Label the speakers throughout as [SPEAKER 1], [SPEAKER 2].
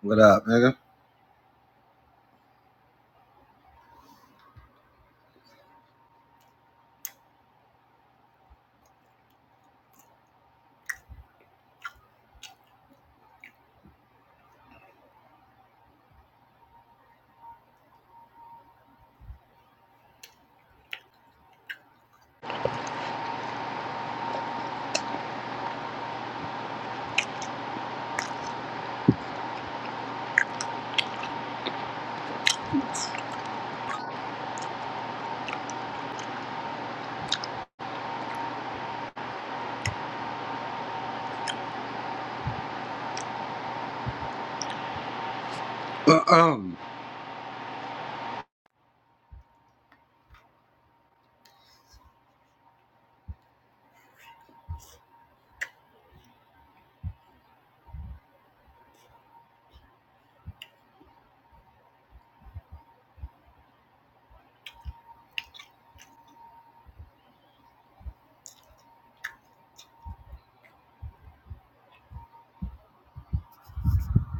[SPEAKER 1] What up, nigga? Um,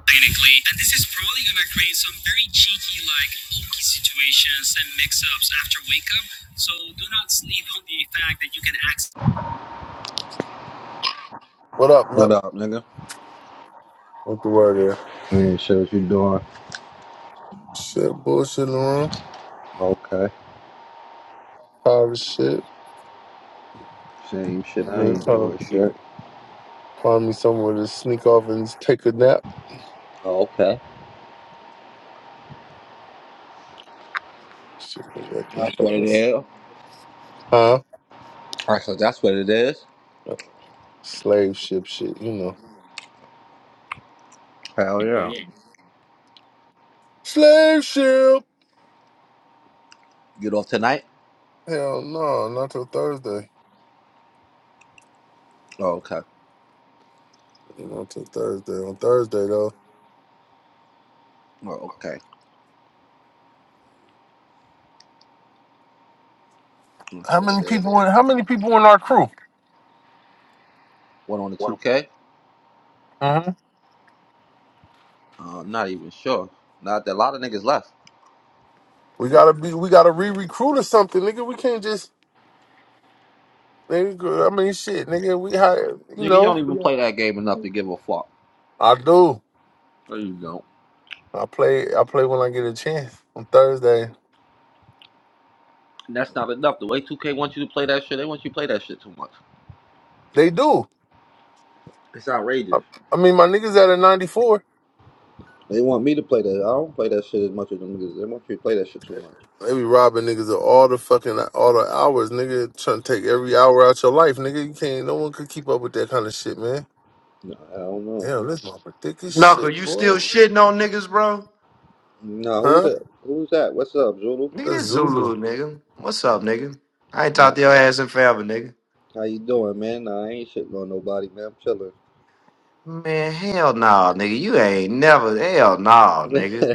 [SPEAKER 1] technically, and this is probably gonna create some very cheeky, like hokey situations and mix-ups after wake up. So do not sleep on the fact that you can access.
[SPEAKER 2] What up, Nup?
[SPEAKER 1] what up, nigga?
[SPEAKER 2] What the word there?
[SPEAKER 1] I ain't sure what you doing.
[SPEAKER 2] Shit, bullshit in the room.
[SPEAKER 1] Okay.
[SPEAKER 2] Tired of shit.
[SPEAKER 1] Same shit.
[SPEAKER 2] they
[SPEAKER 1] I ain't
[SPEAKER 2] trying
[SPEAKER 1] doing
[SPEAKER 2] to
[SPEAKER 1] shit.
[SPEAKER 2] find me somewhere to sneak off and take a nap.
[SPEAKER 1] Okay.
[SPEAKER 2] Shit, they got this
[SPEAKER 1] That's what it
[SPEAKER 2] fucking.
[SPEAKER 1] is. All
[SPEAKER 2] Huh?
[SPEAKER 1] right, so that's what it is.
[SPEAKER 2] Slave ship shit, you know.
[SPEAKER 1] Hell yeah.
[SPEAKER 2] Slave ship!
[SPEAKER 1] Get off tonight?
[SPEAKER 2] Hell no, not till Thursday.
[SPEAKER 1] Oh, okay.
[SPEAKER 2] Not till Thursday. On Thursday, though.
[SPEAKER 1] Oh, okay. That's
[SPEAKER 2] How
[SPEAKER 1] what it
[SPEAKER 2] many
[SPEAKER 1] is.
[SPEAKER 2] people in, how many people in our crew?
[SPEAKER 1] One on the 2K?
[SPEAKER 2] Mm-hmm.
[SPEAKER 1] Uh, I'm not even sure. Not that a lot of niggas left.
[SPEAKER 2] We gotta be, we gotta re-recruit or something, nigga. We can't just, nigga, I mean, shit, nigga, we, hi- you
[SPEAKER 1] Nigga, you
[SPEAKER 2] know,
[SPEAKER 1] don't even play that game enough to give a fuck.
[SPEAKER 2] I do.
[SPEAKER 1] No, you don't.
[SPEAKER 2] I play. I play when I get a chance on Thursday.
[SPEAKER 1] And that's not enough. The way 2K wants you to play that shit, they want you to play that shit too much.
[SPEAKER 2] They do.
[SPEAKER 1] It's
[SPEAKER 2] I,
[SPEAKER 1] outrageous.
[SPEAKER 2] I mean, my niggas out at ninety four.
[SPEAKER 1] They want me to play that. I don't play that shit as much as them niggas. They want you to play that shit too much.
[SPEAKER 2] They be robbing niggas of all the fucking all the hours, nigga. Trying to take every hour out your life, nigga. You can't. No one could keep up with that kind of shit, man.
[SPEAKER 1] Nah, I don't know.
[SPEAKER 2] Damn, this mama thick as
[SPEAKER 3] Knuckle,
[SPEAKER 2] shit,
[SPEAKER 3] you
[SPEAKER 2] boy.
[SPEAKER 3] still shitting on niggas, bro?
[SPEAKER 1] Nah, who
[SPEAKER 2] Huh?
[SPEAKER 1] that? Who's that? What's up, Zulu?
[SPEAKER 3] Nigga,
[SPEAKER 2] That's
[SPEAKER 3] this
[SPEAKER 2] Zulu.
[SPEAKER 3] Zulu, nigga. What's up, nigga? I ain't
[SPEAKER 1] Nah,
[SPEAKER 3] talked to your ass in forever, nigga.
[SPEAKER 1] how you doing, man? Nah, I ain't shitting on nobody, man. I'm chilling.
[SPEAKER 3] Man, hell no, nigga. You ain't never, hell no, nigga.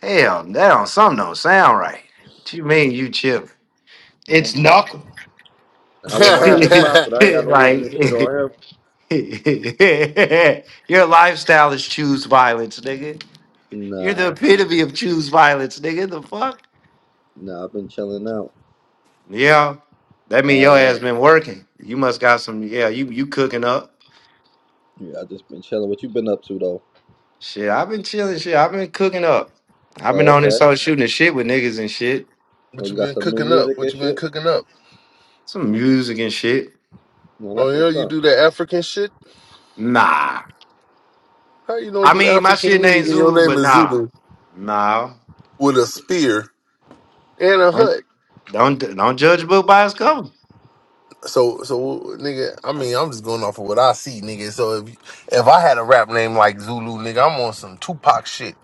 [SPEAKER 3] Hell, that don't, something don't sound right. What you mean you chip? It's Knuckle.
[SPEAKER 2] what
[SPEAKER 1] I want my nigga profit. I ain't got no reason to shit
[SPEAKER 3] like,
[SPEAKER 1] on him.
[SPEAKER 3] your lifestyle is choose violence, nigga. You're
[SPEAKER 1] Nah,
[SPEAKER 3] the epitome of choose violence, nigga. The fuck?
[SPEAKER 1] nah, I've been chilling out.
[SPEAKER 3] Yeah, that
[SPEAKER 1] Nah,
[SPEAKER 3] mean your ass been working. You must got some. Yeah, you you cooking up.
[SPEAKER 1] yeah, I just been chilling. What you been up to though?
[SPEAKER 3] Shit, I've been chilling. Shit, I've been cooking up. I've been
[SPEAKER 1] Oh,
[SPEAKER 3] on this
[SPEAKER 1] okay.
[SPEAKER 3] whole shooting the shit with niggas and shit.
[SPEAKER 1] Oh,
[SPEAKER 2] what
[SPEAKER 1] you
[SPEAKER 2] you
[SPEAKER 1] got
[SPEAKER 2] been
[SPEAKER 1] some new
[SPEAKER 2] cooking up?
[SPEAKER 1] music
[SPEAKER 2] What
[SPEAKER 1] and
[SPEAKER 2] you been
[SPEAKER 1] shit?
[SPEAKER 2] cooking up?
[SPEAKER 3] Some music and shit.
[SPEAKER 1] No,
[SPEAKER 2] Oh
[SPEAKER 1] that's
[SPEAKER 2] yeah,
[SPEAKER 1] what's
[SPEAKER 2] you
[SPEAKER 1] up.
[SPEAKER 2] do that African shit.
[SPEAKER 3] Nah,
[SPEAKER 2] How you don't
[SPEAKER 3] I
[SPEAKER 2] do
[SPEAKER 3] mean my
[SPEAKER 2] African
[SPEAKER 3] shit ain't
[SPEAKER 2] music and your
[SPEAKER 3] Zulu,
[SPEAKER 2] name
[SPEAKER 3] but
[SPEAKER 2] is
[SPEAKER 3] nah,
[SPEAKER 2] Zulu
[SPEAKER 3] nah.
[SPEAKER 2] with a spear and a
[SPEAKER 3] Don't
[SPEAKER 2] hut?
[SPEAKER 3] don't don't judge a book by its cover.
[SPEAKER 2] So so nigga, I mean, I'm just going off of what I see, nigga. So if if I had a rap name like Zulu, nigga, I'm on some Tupac shit.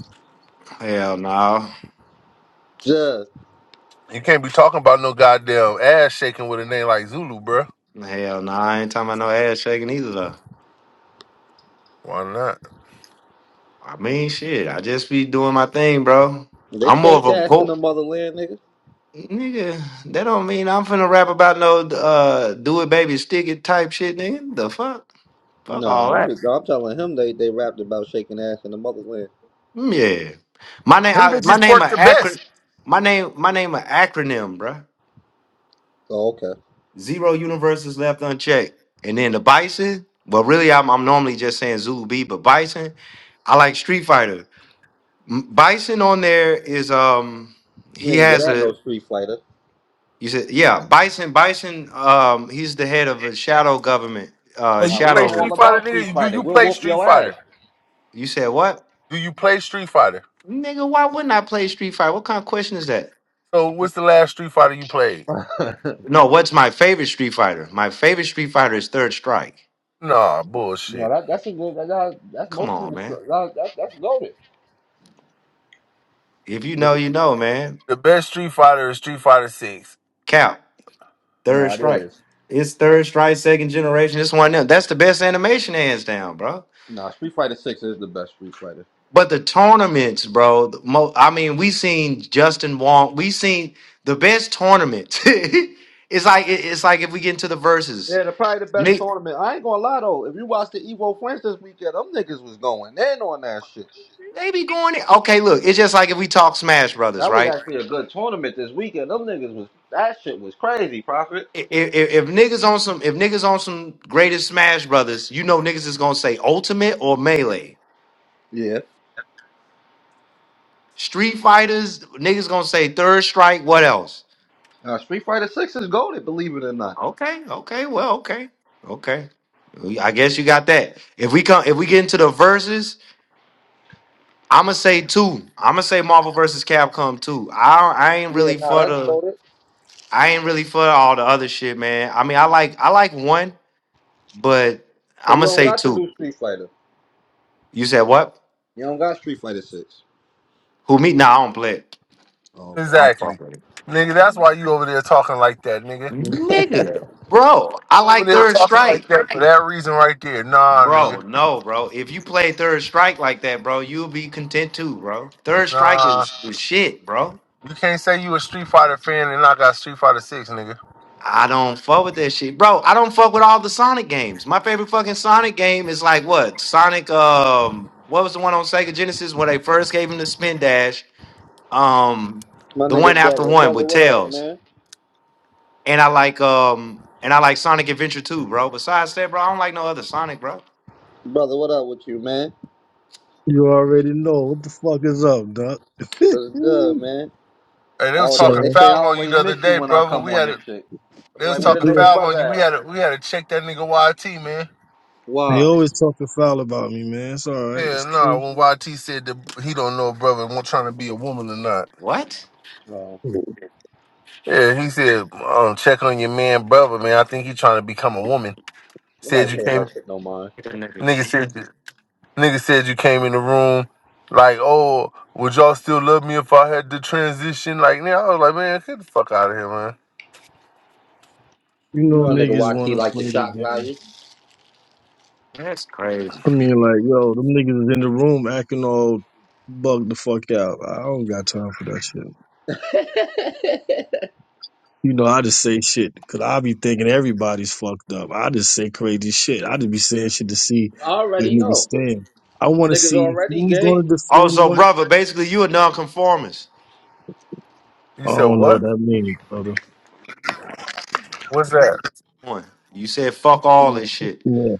[SPEAKER 3] Hell no,
[SPEAKER 1] Just
[SPEAKER 2] You can't be talking about no goddamn ass shaking with a name like Zulu, bruh.
[SPEAKER 3] hell no. I ain't talking about no ass shaking either though.
[SPEAKER 2] Why not?
[SPEAKER 3] I mean shit. I just be doing my thing, bro.
[SPEAKER 1] they
[SPEAKER 3] I'm more of
[SPEAKER 1] shake
[SPEAKER 3] a
[SPEAKER 1] ass in
[SPEAKER 3] poet.
[SPEAKER 1] the motherland, nigga.
[SPEAKER 3] Nigga, that don't mean I'm finna rap about no uh do it baby stick it type shit, nigga. The fuck? Fuck all
[SPEAKER 1] No, I'm
[SPEAKER 3] that.
[SPEAKER 1] just I'm telling him they they rapped about shaking ass in the motherland.
[SPEAKER 3] Mm, Yeah. My name
[SPEAKER 2] Them
[SPEAKER 3] I, my
[SPEAKER 2] bitches
[SPEAKER 3] name a
[SPEAKER 2] twerk the
[SPEAKER 3] acron
[SPEAKER 2] best.
[SPEAKER 3] my name my name a acronym, bruh.
[SPEAKER 1] Oh, okay.
[SPEAKER 3] Zero universes left unchecked. And then the bison, well really I'm I'm normally just saying Zulu B, but bison, I like Street Fighter. M- Bison on there is um
[SPEAKER 1] You
[SPEAKER 3] he
[SPEAKER 1] ain't good
[SPEAKER 3] has
[SPEAKER 1] at no
[SPEAKER 3] a
[SPEAKER 1] Street Fighter.
[SPEAKER 3] you said yeah, Bison Bison um he's the head of a shadow government, uh
[SPEAKER 2] So you
[SPEAKER 1] Nah, we know
[SPEAKER 3] Shadow
[SPEAKER 2] play
[SPEAKER 3] League.
[SPEAKER 1] all
[SPEAKER 2] Street Fighter,
[SPEAKER 1] about
[SPEAKER 2] nigga?
[SPEAKER 1] Street
[SPEAKER 2] You, do
[SPEAKER 1] Fighter.
[SPEAKER 2] you
[SPEAKER 1] We'll
[SPEAKER 2] play
[SPEAKER 1] whoop
[SPEAKER 2] Street
[SPEAKER 1] your ass.
[SPEAKER 2] Fighter?
[SPEAKER 3] You said what?
[SPEAKER 2] Do you play Street Fighter?
[SPEAKER 3] Nigga, why wouldn't I play Street Fighter? What kind of question is that?
[SPEAKER 2] So what's the last Street Fighter you played?
[SPEAKER 3] No, what's my favorite Street Fighter? My favorite Street Fighter is Third Strike.
[SPEAKER 2] Nah,
[SPEAKER 1] No,
[SPEAKER 2] bullshit.
[SPEAKER 1] that that's a good. That, that- that's
[SPEAKER 3] Come
[SPEAKER 1] most
[SPEAKER 3] on,
[SPEAKER 1] niggas.
[SPEAKER 3] man.
[SPEAKER 1] That, that, that's loaded.
[SPEAKER 3] If you
[SPEAKER 1] But
[SPEAKER 3] know, you know, man.
[SPEAKER 2] The best Street Fighter is Street Fighter Six.
[SPEAKER 3] Cap,
[SPEAKER 1] no,
[SPEAKER 3] Third
[SPEAKER 1] it
[SPEAKER 3] Strike.
[SPEAKER 1] is.
[SPEAKER 3] It's Third Strike, second generation. It's one of them. That's the best animation, hands down, bro.
[SPEAKER 1] No, Street Fighter Six is the best Street Fighter.
[SPEAKER 3] But the tournaments, bro. the mo- I mean, we seen Justin Wong. We seen the best tournaments. it's like it- it's like if we get into the verses,
[SPEAKER 1] Yeah, they're probably the best
[SPEAKER 3] they,
[SPEAKER 1] tournament. I ain't gonna lie though. If you watch the Evo Friends this weekend, them niggas was going in on that shit.
[SPEAKER 3] they be going. in- Okay, look, it's just like if we talk Smash Brothers,
[SPEAKER 1] That was
[SPEAKER 3] right?
[SPEAKER 1] actually a good tournament this weekend. Them niggas was that shit was crazy, Prophet.
[SPEAKER 3] if, if niggas on some if niggas on some greatest Smash Brothers, you know niggas is gonna say Ultimate or Melee.
[SPEAKER 1] Yeah.
[SPEAKER 3] Street Fighters, niggas gonna say Third Strike. What else?
[SPEAKER 1] Now Street Fighter Six is goaded, believe it or not.
[SPEAKER 3] Okay, okay, well, okay, okay. We- I guess you got that. If we come, if we get into the verses, I'ma say two. I'ma say Marvel versus Capcom two. I don't- I ain't
[SPEAKER 1] Yeah,
[SPEAKER 3] really
[SPEAKER 1] nah,
[SPEAKER 3] for
[SPEAKER 1] that's
[SPEAKER 3] the
[SPEAKER 1] goaded.
[SPEAKER 3] I ain't really for all the other shit, man. I mean, I like I like one, but
[SPEAKER 1] So you
[SPEAKER 3] I'ma
[SPEAKER 1] don't
[SPEAKER 3] say
[SPEAKER 1] got the
[SPEAKER 3] two.
[SPEAKER 1] new Street Fighter.
[SPEAKER 3] You said what?
[SPEAKER 1] You don't got Street Fighter Six.
[SPEAKER 3] Who me? Nah, I don't play it.
[SPEAKER 1] Oh,
[SPEAKER 3] I don't fuck
[SPEAKER 2] Exactly,
[SPEAKER 3] with it.
[SPEAKER 2] nigga. That's why you over there talking like that, nigga.
[SPEAKER 1] okay.
[SPEAKER 3] Nigga, bro, I
[SPEAKER 2] over
[SPEAKER 3] like
[SPEAKER 2] there
[SPEAKER 3] Third
[SPEAKER 2] talking like
[SPEAKER 3] Strike.
[SPEAKER 2] that for that reason right there. Nah,
[SPEAKER 3] Bro,
[SPEAKER 2] nigga.
[SPEAKER 3] no, bro. If you play Third Strike like that, bro, you'll be content too, bro. Third Strike
[SPEAKER 2] Nah.
[SPEAKER 3] is, is shit, bro.
[SPEAKER 2] You can't say you a Street Fighter fan and I got Street Fighter Six, nigga.
[SPEAKER 3] I don't fuck with that shit. Bro, I don't fuck with all the Sonic games. My favorite fucking Sonic game is like what? Sonic um what was the one on Sega Genesis when they first gave him the spin dash? Um
[SPEAKER 1] My
[SPEAKER 3] the one
[SPEAKER 1] nigga
[SPEAKER 3] after
[SPEAKER 1] brother,
[SPEAKER 3] one
[SPEAKER 1] brother,
[SPEAKER 3] with
[SPEAKER 1] what up,
[SPEAKER 3] Tails.
[SPEAKER 1] man?
[SPEAKER 3] And I like um and I like Sonic Adventure 2, bro. Besides that, bro, I don't like no other Sonic, bro.
[SPEAKER 1] Brother, what up with you, man?
[SPEAKER 4] You already know what the fuck is up, Doc.
[SPEAKER 1] It's good, man.
[SPEAKER 2] And they was
[SPEAKER 1] Oh,
[SPEAKER 2] talking
[SPEAKER 1] they they
[SPEAKER 4] so
[SPEAKER 1] say I
[SPEAKER 2] foul on you
[SPEAKER 1] always
[SPEAKER 2] the
[SPEAKER 1] miss
[SPEAKER 2] other
[SPEAKER 1] you
[SPEAKER 2] day,
[SPEAKER 1] when I
[SPEAKER 2] brother.
[SPEAKER 1] come
[SPEAKER 2] We
[SPEAKER 1] on
[SPEAKER 2] had
[SPEAKER 1] this
[SPEAKER 2] it.
[SPEAKER 1] shit. I'm
[SPEAKER 2] They was
[SPEAKER 1] like, where the
[SPEAKER 2] talking
[SPEAKER 4] yeah,
[SPEAKER 1] nigga
[SPEAKER 2] foul
[SPEAKER 1] brother
[SPEAKER 2] on you. We
[SPEAKER 1] at?
[SPEAKER 2] had to, we had to check that nigga YT, man.
[SPEAKER 4] they
[SPEAKER 1] Wow.
[SPEAKER 4] always talking foul about me, man. It's all right.
[SPEAKER 2] Yeah,
[SPEAKER 4] It's
[SPEAKER 2] nah.
[SPEAKER 4] cool.
[SPEAKER 2] When YT said that he don't know a brother and want trying to be a woman or not.
[SPEAKER 3] What?
[SPEAKER 1] Oh,
[SPEAKER 4] You
[SPEAKER 2] Yeah, he said, um, check on your man, brother, man. I think he trying to become a woman.
[SPEAKER 1] nobody
[SPEAKER 2] Said you
[SPEAKER 1] pay
[SPEAKER 2] came,
[SPEAKER 1] that shit no mind.
[SPEAKER 3] Look at that nigga.
[SPEAKER 2] nigga said. Nigga said you came in the room like, oh, would y'all still love me if I had to transition? Like, nigga, I was like, man, get the fuck out of here, man.
[SPEAKER 1] You know
[SPEAKER 4] know,
[SPEAKER 1] a nigga
[SPEAKER 4] niggas
[SPEAKER 1] watch
[SPEAKER 4] want
[SPEAKER 1] he
[SPEAKER 4] to
[SPEAKER 1] like the
[SPEAKER 4] play the
[SPEAKER 1] shock
[SPEAKER 4] game.
[SPEAKER 1] value.
[SPEAKER 3] That's crazy.
[SPEAKER 4] I mean, like, yo, them niggas is in the room acting all bugged the fuck out. I don't got time for that shit. You know, I just say shit because I be thinking everybody's fucked up. I just say crazy shit. I just be saying shit to see
[SPEAKER 1] I
[SPEAKER 4] where
[SPEAKER 1] already
[SPEAKER 4] niggas
[SPEAKER 1] know.
[SPEAKER 4] stand. I want to
[SPEAKER 1] Niggas
[SPEAKER 4] see
[SPEAKER 1] already
[SPEAKER 4] who's
[SPEAKER 1] gay.
[SPEAKER 4] going to defend
[SPEAKER 3] Also,
[SPEAKER 4] what.
[SPEAKER 3] brother, basically you a nonconformist.
[SPEAKER 2] You
[SPEAKER 4] I
[SPEAKER 2] said
[SPEAKER 4] don't know what
[SPEAKER 2] what?
[SPEAKER 4] that means, brother.
[SPEAKER 2] What's that?
[SPEAKER 3] One. You said fuck all Mm. this shit.
[SPEAKER 4] Yeah.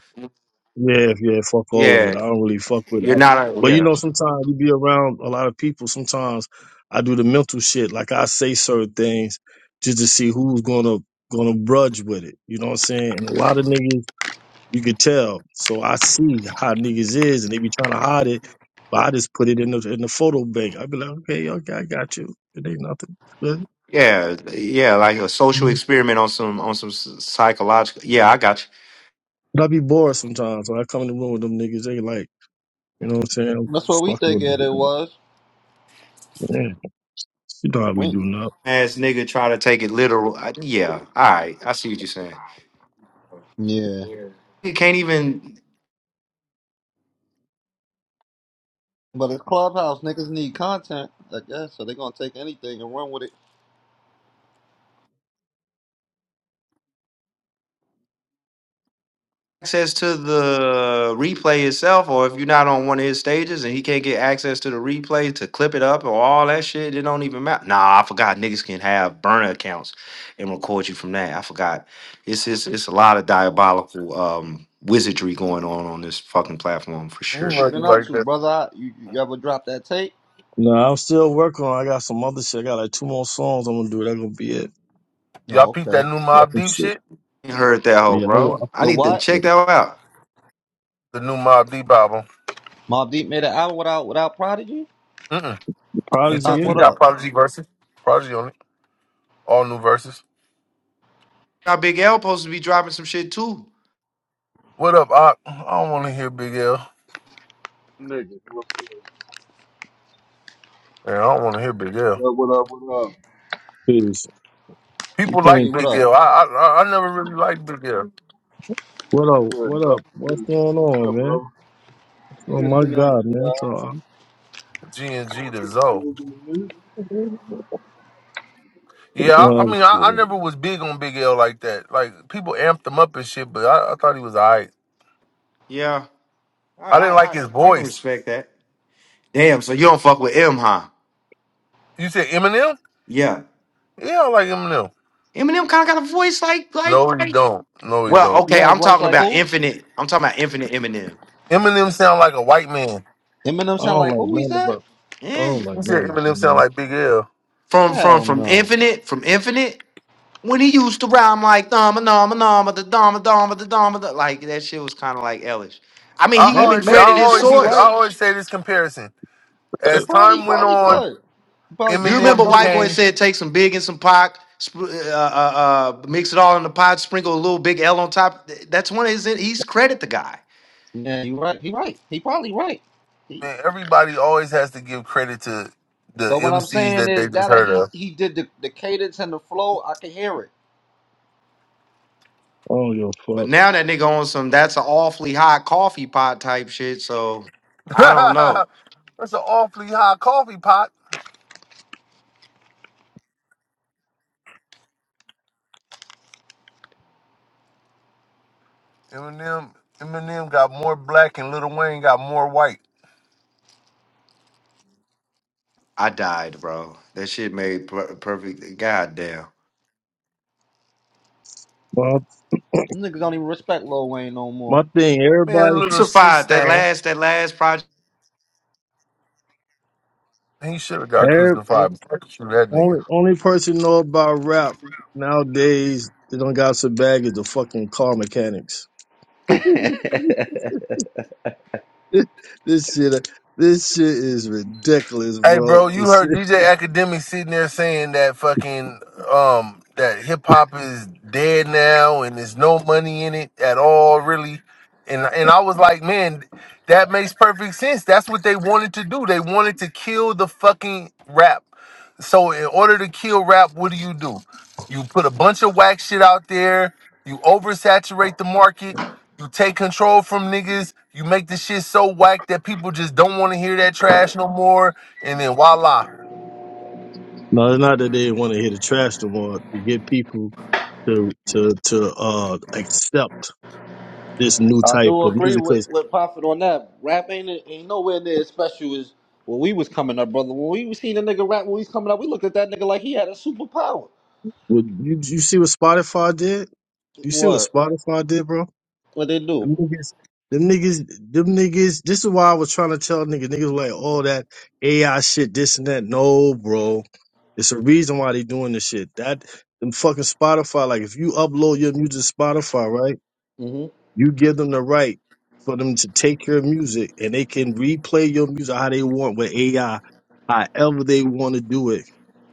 [SPEAKER 4] Yeah, yeah, fuck all of it.
[SPEAKER 3] Yeah,
[SPEAKER 4] I don't really fuck with
[SPEAKER 3] you're
[SPEAKER 4] it.
[SPEAKER 3] not a
[SPEAKER 4] But you
[SPEAKER 3] yeah.
[SPEAKER 4] know, sometimes you be around a lot of people. Sometimes I do the mental shit. Like I say certain things just to see who's gonna gonna brudge with it. You know what I'm saying? And a lot of niggas, you could tell. So I see how niggas is, and they be trying to hide it. But I just put it in the in the photo bank. I be like, okay, okay, I got you. It ain't nothing. But,
[SPEAKER 3] Yeah, yeah, like a social experiment on some on some s- psychological. Yeah, I got you.
[SPEAKER 4] but I be bored sometimes. When I come in the room with them niggas, they like, you know what I'm saying?
[SPEAKER 1] That's what we
[SPEAKER 4] Fuck
[SPEAKER 1] think
[SPEAKER 4] with
[SPEAKER 1] it it
[SPEAKER 4] them.
[SPEAKER 1] was.
[SPEAKER 4] Yeah, you know how we
[SPEAKER 1] Wink.
[SPEAKER 4] do now.
[SPEAKER 3] Ass nigga try to take it literal. I, yeah, all right, I see what you're saying.
[SPEAKER 1] Yeah.
[SPEAKER 3] You can't even.
[SPEAKER 1] But it's Clubhouse. Niggas need content, I guess. So they going to take anything and run with it.
[SPEAKER 3] access to the replay itself, or if you're not on one of his stages and he can't get access to the replay to clip it up or all that shit, it don't even matter. Nah, I forgot niggas can have burner accounts and record you from that. I forgot. It's it's it's a lot of diabolical um wizardry going on on this fucking platform for
[SPEAKER 1] What
[SPEAKER 2] We
[SPEAKER 3] sure.
[SPEAKER 1] you
[SPEAKER 2] love you
[SPEAKER 1] been up
[SPEAKER 2] like
[SPEAKER 1] to,
[SPEAKER 2] that.
[SPEAKER 1] brother? You, you ever dropped that tape?
[SPEAKER 4] No, I'm still working on. I got some other shit. I got like two more songs I'm gonna do. That's gonna be it.
[SPEAKER 2] Y'all
[SPEAKER 1] No,
[SPEAKER 2] peep that
[SPEAKER 1] okay.
[SPEAKER 2] new
[SPEAKER 4] Got
[SPEAKER 2] Mob
[SPEAKER 4] some
[SPEAKER 2] Deep
[SPEAKER 4] shit.
[SPEAKER 2] shit?
[SPEAKER 3] I Heard that hoe,
[SPEAKER 4] Yeah, I want. I
[SPEAKER 3] bro. I
[SPEAKER 4] feel
[SPEAKER 1] The
[SPEAKER 3] need to
[SPEAKER 4] I
[SPEAKER 1] what?
[SPEAKER 4] feel
[SPEAKER 3] check
[SPEAKER 4] it.
[SPEAKER 3] that out.
[SPEAKER 2] The new Mob Deep album.
[SPEAKER 1] Mob Deep made an album without without Prodigy?
[SPEAKER 2] Mm-mm. He
[SPEAKER 1] Uh,
[SPEAKER 4] Prodigy
[SPEAKER 2] took. He
[SPEAKER 4] in
[SPEAKER 1] what
[SPEAKER 4] it.
[SPEAKER 2] got
[SPEAKER 1] up?
[SPEAKER 2] Prodigy verses. Prodigy on it. All new verses.
[SPEAKER 3] Now Big L supposed to be dropping some shit too.
[SPEAKER 2] What up? I I don't want to hear Big L.
[SPEAKER 5] Nigga, what's good?
[SPEAKER 2] Yeah, I don't want to hear Big L.
[SPEAKER 5] What up, what up, what up?
[SPEAKER 4] Peace. You
[SPEAKER 2] People
[SPEAKER 1] G,
[SPEAKER 2] like
[SPEAKER 4] can't.
[SPEAKER 1] what
[SPEAKER 2] Big
[SPEAKER 1] up?
[SPEAKER 2] L. I I I I never really liked Big L.
[SPEAKER 4] What up?
[SPEAKER 5] Good,
[SPEAKER 4] What
[SPEAKER 5] no?
[SPEAKER 4] up? What's
[SPEAKER 5] Good.
[SPEAKER 4] going
[SPEAKER 5] What's
[SPEAKER 4] on,
[SPEAKER 5] up,
[SPEAKER 4] man?
[SPEAKER 5] bro?
[SPEAKER 4] Oh
[SPEAKER 5] Shit
[SPEAKER 4] my
[SPEAKER 5] sitting on the
[SPEAKER 4] God, man. So
[SPEAKER 5] job.
[SPEAKER 4] I'm.
[SPEAKER 2] G and
[SPEAKER 5] I know
[SPEAKER 2] G
[SPEAKER 5] what
[SPEAKER 2] to
[SPEAKER 5] you
[SPEAKER 2] Zoe.
[SPEAKER 5] feel doing this.
[SPEAKER 2] Yeah, I I
[SPEAKER 4] No, that's
[SPEAKER 2] mean, I, I
[SPEAKER 4] good.
[SPEAKER 2] never was big on Big L like that. Like people amped him up and shit, but I, I thought he was alright.
[SPEAKER 3] Yeah, I
[SPEAKER 2] I
[SPEAKER 3] I
[SPEAKER 2] didn't like
[SPEAKER 3] I,
[SPEAKER 2] his
[SPEAKER 3] I can
[SPEAKER 2] voice.
[SPEAKER 3] respect that. Damn, so you don't fuck with M, huh?
[SPEAKER 2] You said Eminem?
[SPEAKER 3] Yeah.
[SPEAKER 2] Yeah, I like Eminem.
[SPEAKER 3] Eminem kind of got a voice like like
[SPEAKER 2] No, you
[SPEAKER 3] like.
[SPEAKER 2] don't. No, you
[SPEAKER 3] Well,
[SPEAKER 2] don't.
[SPEAKER 1] You
[SPEAKER 3] okay,
[SPEAKER 1] got a
[SPEAKER 3] I'm
[SPEAKER 1] voice
[SPEAKER 3] talking
[SPEAKER 1] like
[SPEAKER 3] about
[SPEAKER 1] who?
[SPEAKER 3] Infinite. I'm talking about Infinite Eminem.
[SPEAKER 2] Eminem sound like a white man.
[SPEAKER 1] Eminem
[SPEAKER 4] I
[SPEAKER 1] sound
[SPEAKER 4] don't
[SPEAKER 1] like
[SPEAKER 4] like
[SPEAKER 1] who he
[SPEAKER 4] none of
[SPEAKER 1] said?
[SPEAKER 4] it. I
[SPEAKER 3] Eh.
[SPEAKER 4] don't like
[SPEAKER 2] You said
[SPEAKER 4] none of
[SPEAKER 2] Eminem
[SPEAKER 4] that,
[SPEAKER 2] sound
[SPEAKER 4] man.
[SPEAKER 2] like Big L.
[SPEAKER 3] From from
[SPEAKER 1] Hell
[SPEAKER 3] from
[SPEAKER 1] no.
[SPEAKER 3] Infinite from Infinite when he used to rhyme like dama dama dama da dama dama da dama da like that shit was kind of like Ellis. I mean,
[SPEAKER 2] I
[SPEAKER 3] he
[SPEAKER 1] Maybe,
[SPEAKER 3] even
[SPEAKER 2] always, I
[SPEAKER 1] maybe
[SPEAKER 3] credited
[SPEAKER 1] he
[SPEAKER 3] his
[SPEAKER 1] could
[SPEAKER 2] always,
[SPEAKER 1] be
[SPEAKER 2] use, I
[SPEAKER 3] source.
[SPEAKER 1] right.
[SPEAKER 2] always say this comparison.
[SPEAKER 1] It
[SPEAKER 2] As
[SPEAKER 1] probably,
[SPEAKER 2] time went
[SPEAKER 1] probably
[SPEAKER 2] on,
[SPEAKER 1] could. You probably
[SPEAKER 3] You
[SPEAKER 1] just don't
[SPEAKER 2] Eminem
[SPEAKER 3] remember White
[SPEAKER 1] notice
[SPEAKER 3] Boy
[SPEAKER 1] it.
[SPEAKER 2] became.
[SPEAKER 3] said take some Big and some Pac, sp- uh, uh, uh, mix it all in the pot, sprinkle a little Big L on top. Th- That's one of his. He's credit the guy.
[SPEAKER 1] Yeah, you right. He right. He probably right. He,
[SPEAKER 2] Man, everybody always has to give credit to the
[SPEAKER 1] but what I'm
[SPEAKER 2] MCs
[SPEAKER 1] saying
[SPEAKER 2] that they
[SPEAKER 1] is that
[SPEAKER 2] just
[SPEAKER 1] that
[SPEAKER 2] heard
[SPEAKER 1] he
[SPEAKER 2] of.
[SPEAKER 1] he did the, the cadence and the flow. I can hear it.
[SPEAKER 4] I don't give a
[SPEAKER 3] But
[SPEAKER 4] fuck.
[SPEAKER 3] now that nigga on some that's an awfully hot coffee pot type shit. So I don't know.
[SPEAKER 2] That's an awfully high coffee pot. Eminem, Eminem got more black and Lil Wayne got more white.
[SPEAKER 3] I died, bro. That shit made per- perfect. Goddamn.
[SPEAKER 4] My
[SPEAKER 1] You niggas don't even respect Lil Wayne no more.
[SPEAKER 4] my thing.
[SPEAKER 2] Man,
[SPEAKER 4] Everybody.
[SPEAKER 2] Lil C
[SPEAKER 3] Intensified that
[SPEAKER 2] Stan,
[SPEAKER 3] last that last project.
[SPEAKER 2] he should have got
[SPEAKER 4] Every
[SPEAKER 2] crucified. Fuck you, that nigga.
[SPEAKER 4] only only person know about rap nowadays. They don't got some bag is the fucking car mechanics.
[SPEAKER 1] I
[SPEAKER 4] this shit, this shit is ridiculous,
[SPEAKER 2] Hey,
[SPEAKER 4] bro.
[SPEAKER 2] bro, you
[SPEAKER 4] This
[SPEAKER 2] heard
[SPEAKER 4] shit.
[SPEAKER 2] DJ Academic sitting there saying that fucking um that hip hop is dead now and there's no money in it at all, really. And and I was like, man, that makes perfect sense. That's what they wanted to do. They wanted to kill the fucking rap. So in order to kill rap, what do you do? You put a bunch of whack shit out there. You oversaturate the market. You take control from niggas. You make the shit so whack that people just don't want to hear that trash no more and then voila.
[SPEAKER 4] No, it's not that they want to hit the trash no more. To get people to to to uh accept this new type
[SPEAKER 1] do
[SPEAKER 4] of
[SPEAKER 1] agree
[SPEAKER 4] music,
[SPEAKER 1] with
[SPEAKER 4] because
[SPEAKER 1] with Prophet on that. Rap ain't ain't nowhere near as special as when we was coming up, brother. When we was seeing a nigga rap when we was coming up, we looked at that nigga like he had a superpower.
[SPEAKER 4] you you see what Spotify did? You see what
[SPEAKER 1] What?
[SPEAKER 4] Spotify did, bro?
[SPEAKER 1] What they do?
[SPEAKER 4] Them niggas, them niggas, them niggas. This is why I was trying to tell niggas. Niggas were like, oh, that AI shit, this and that. No, bro, it's a reason why they doing this shit. That them fucking Spotify. Like, if you upload your music to Spotify, right,
[SPEAKER 1] hmm
[SPEAKER 4] you give them the right for them to take your music and they can replay your music how they want with AI, however they want to do it.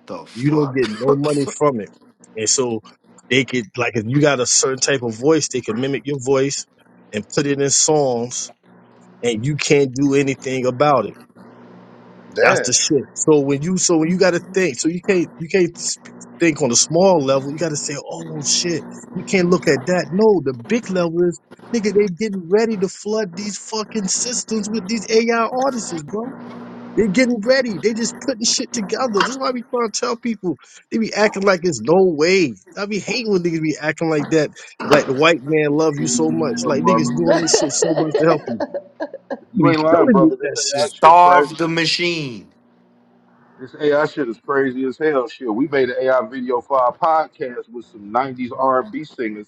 [SPEAKER 3] The
[SPEAKER 4] You don't
[SPEAKER 3] fuck?
[SPEAKER 4] get no money from it. And so they could like if you got a certain type of voice, they can mimic your voice and put it in songs and you can't do anything about it. That's
[SPEAKER 1] Damn.
[SPEAKER 4] the shit. So when you so when you gotta think, so you can't you can't sp- think on a small level, you gotta say, Oh shit, you can't look at that. No, the big level is nigga, they getting ready to flood these fucking systems with these AI artists, bro. They're getting ready. They just putting shit together. This is why we trying to tell people they be acting like it's no way. I be hating when niggas be acting like that, like the white
[SPEAKER 5] That
[SPEAKER 4] man
[SPEAKER 5] shit
[SPEAKER 4] love you so
[SPEAKER 5] crazy as
[SPEAKER 4] much.
[SPEAKER 5] hell,
[SPEAKER 4] Like niggas
[SPEAKER 5] brother.
[SPEAKER 4] doing this shit so much to help you. They
[SPEAKER 5] You
[SPEAKER 4] be
[SPEAKER 5] ain't lying,
[SPEAKER 4] killing you with
[SPEAKER 5] brother. This
[SPEAKER 4] that
[SPEAKER 5] AI
[SPEAKER 4] shit.
[SPEAKER 5] shit crazy.
[SPEAKER 3] Starved the machine.
[SPEAKER 5] This AI shit is crazy as hell. Shit, we made an AI video for our podcast with some 90s R&B singers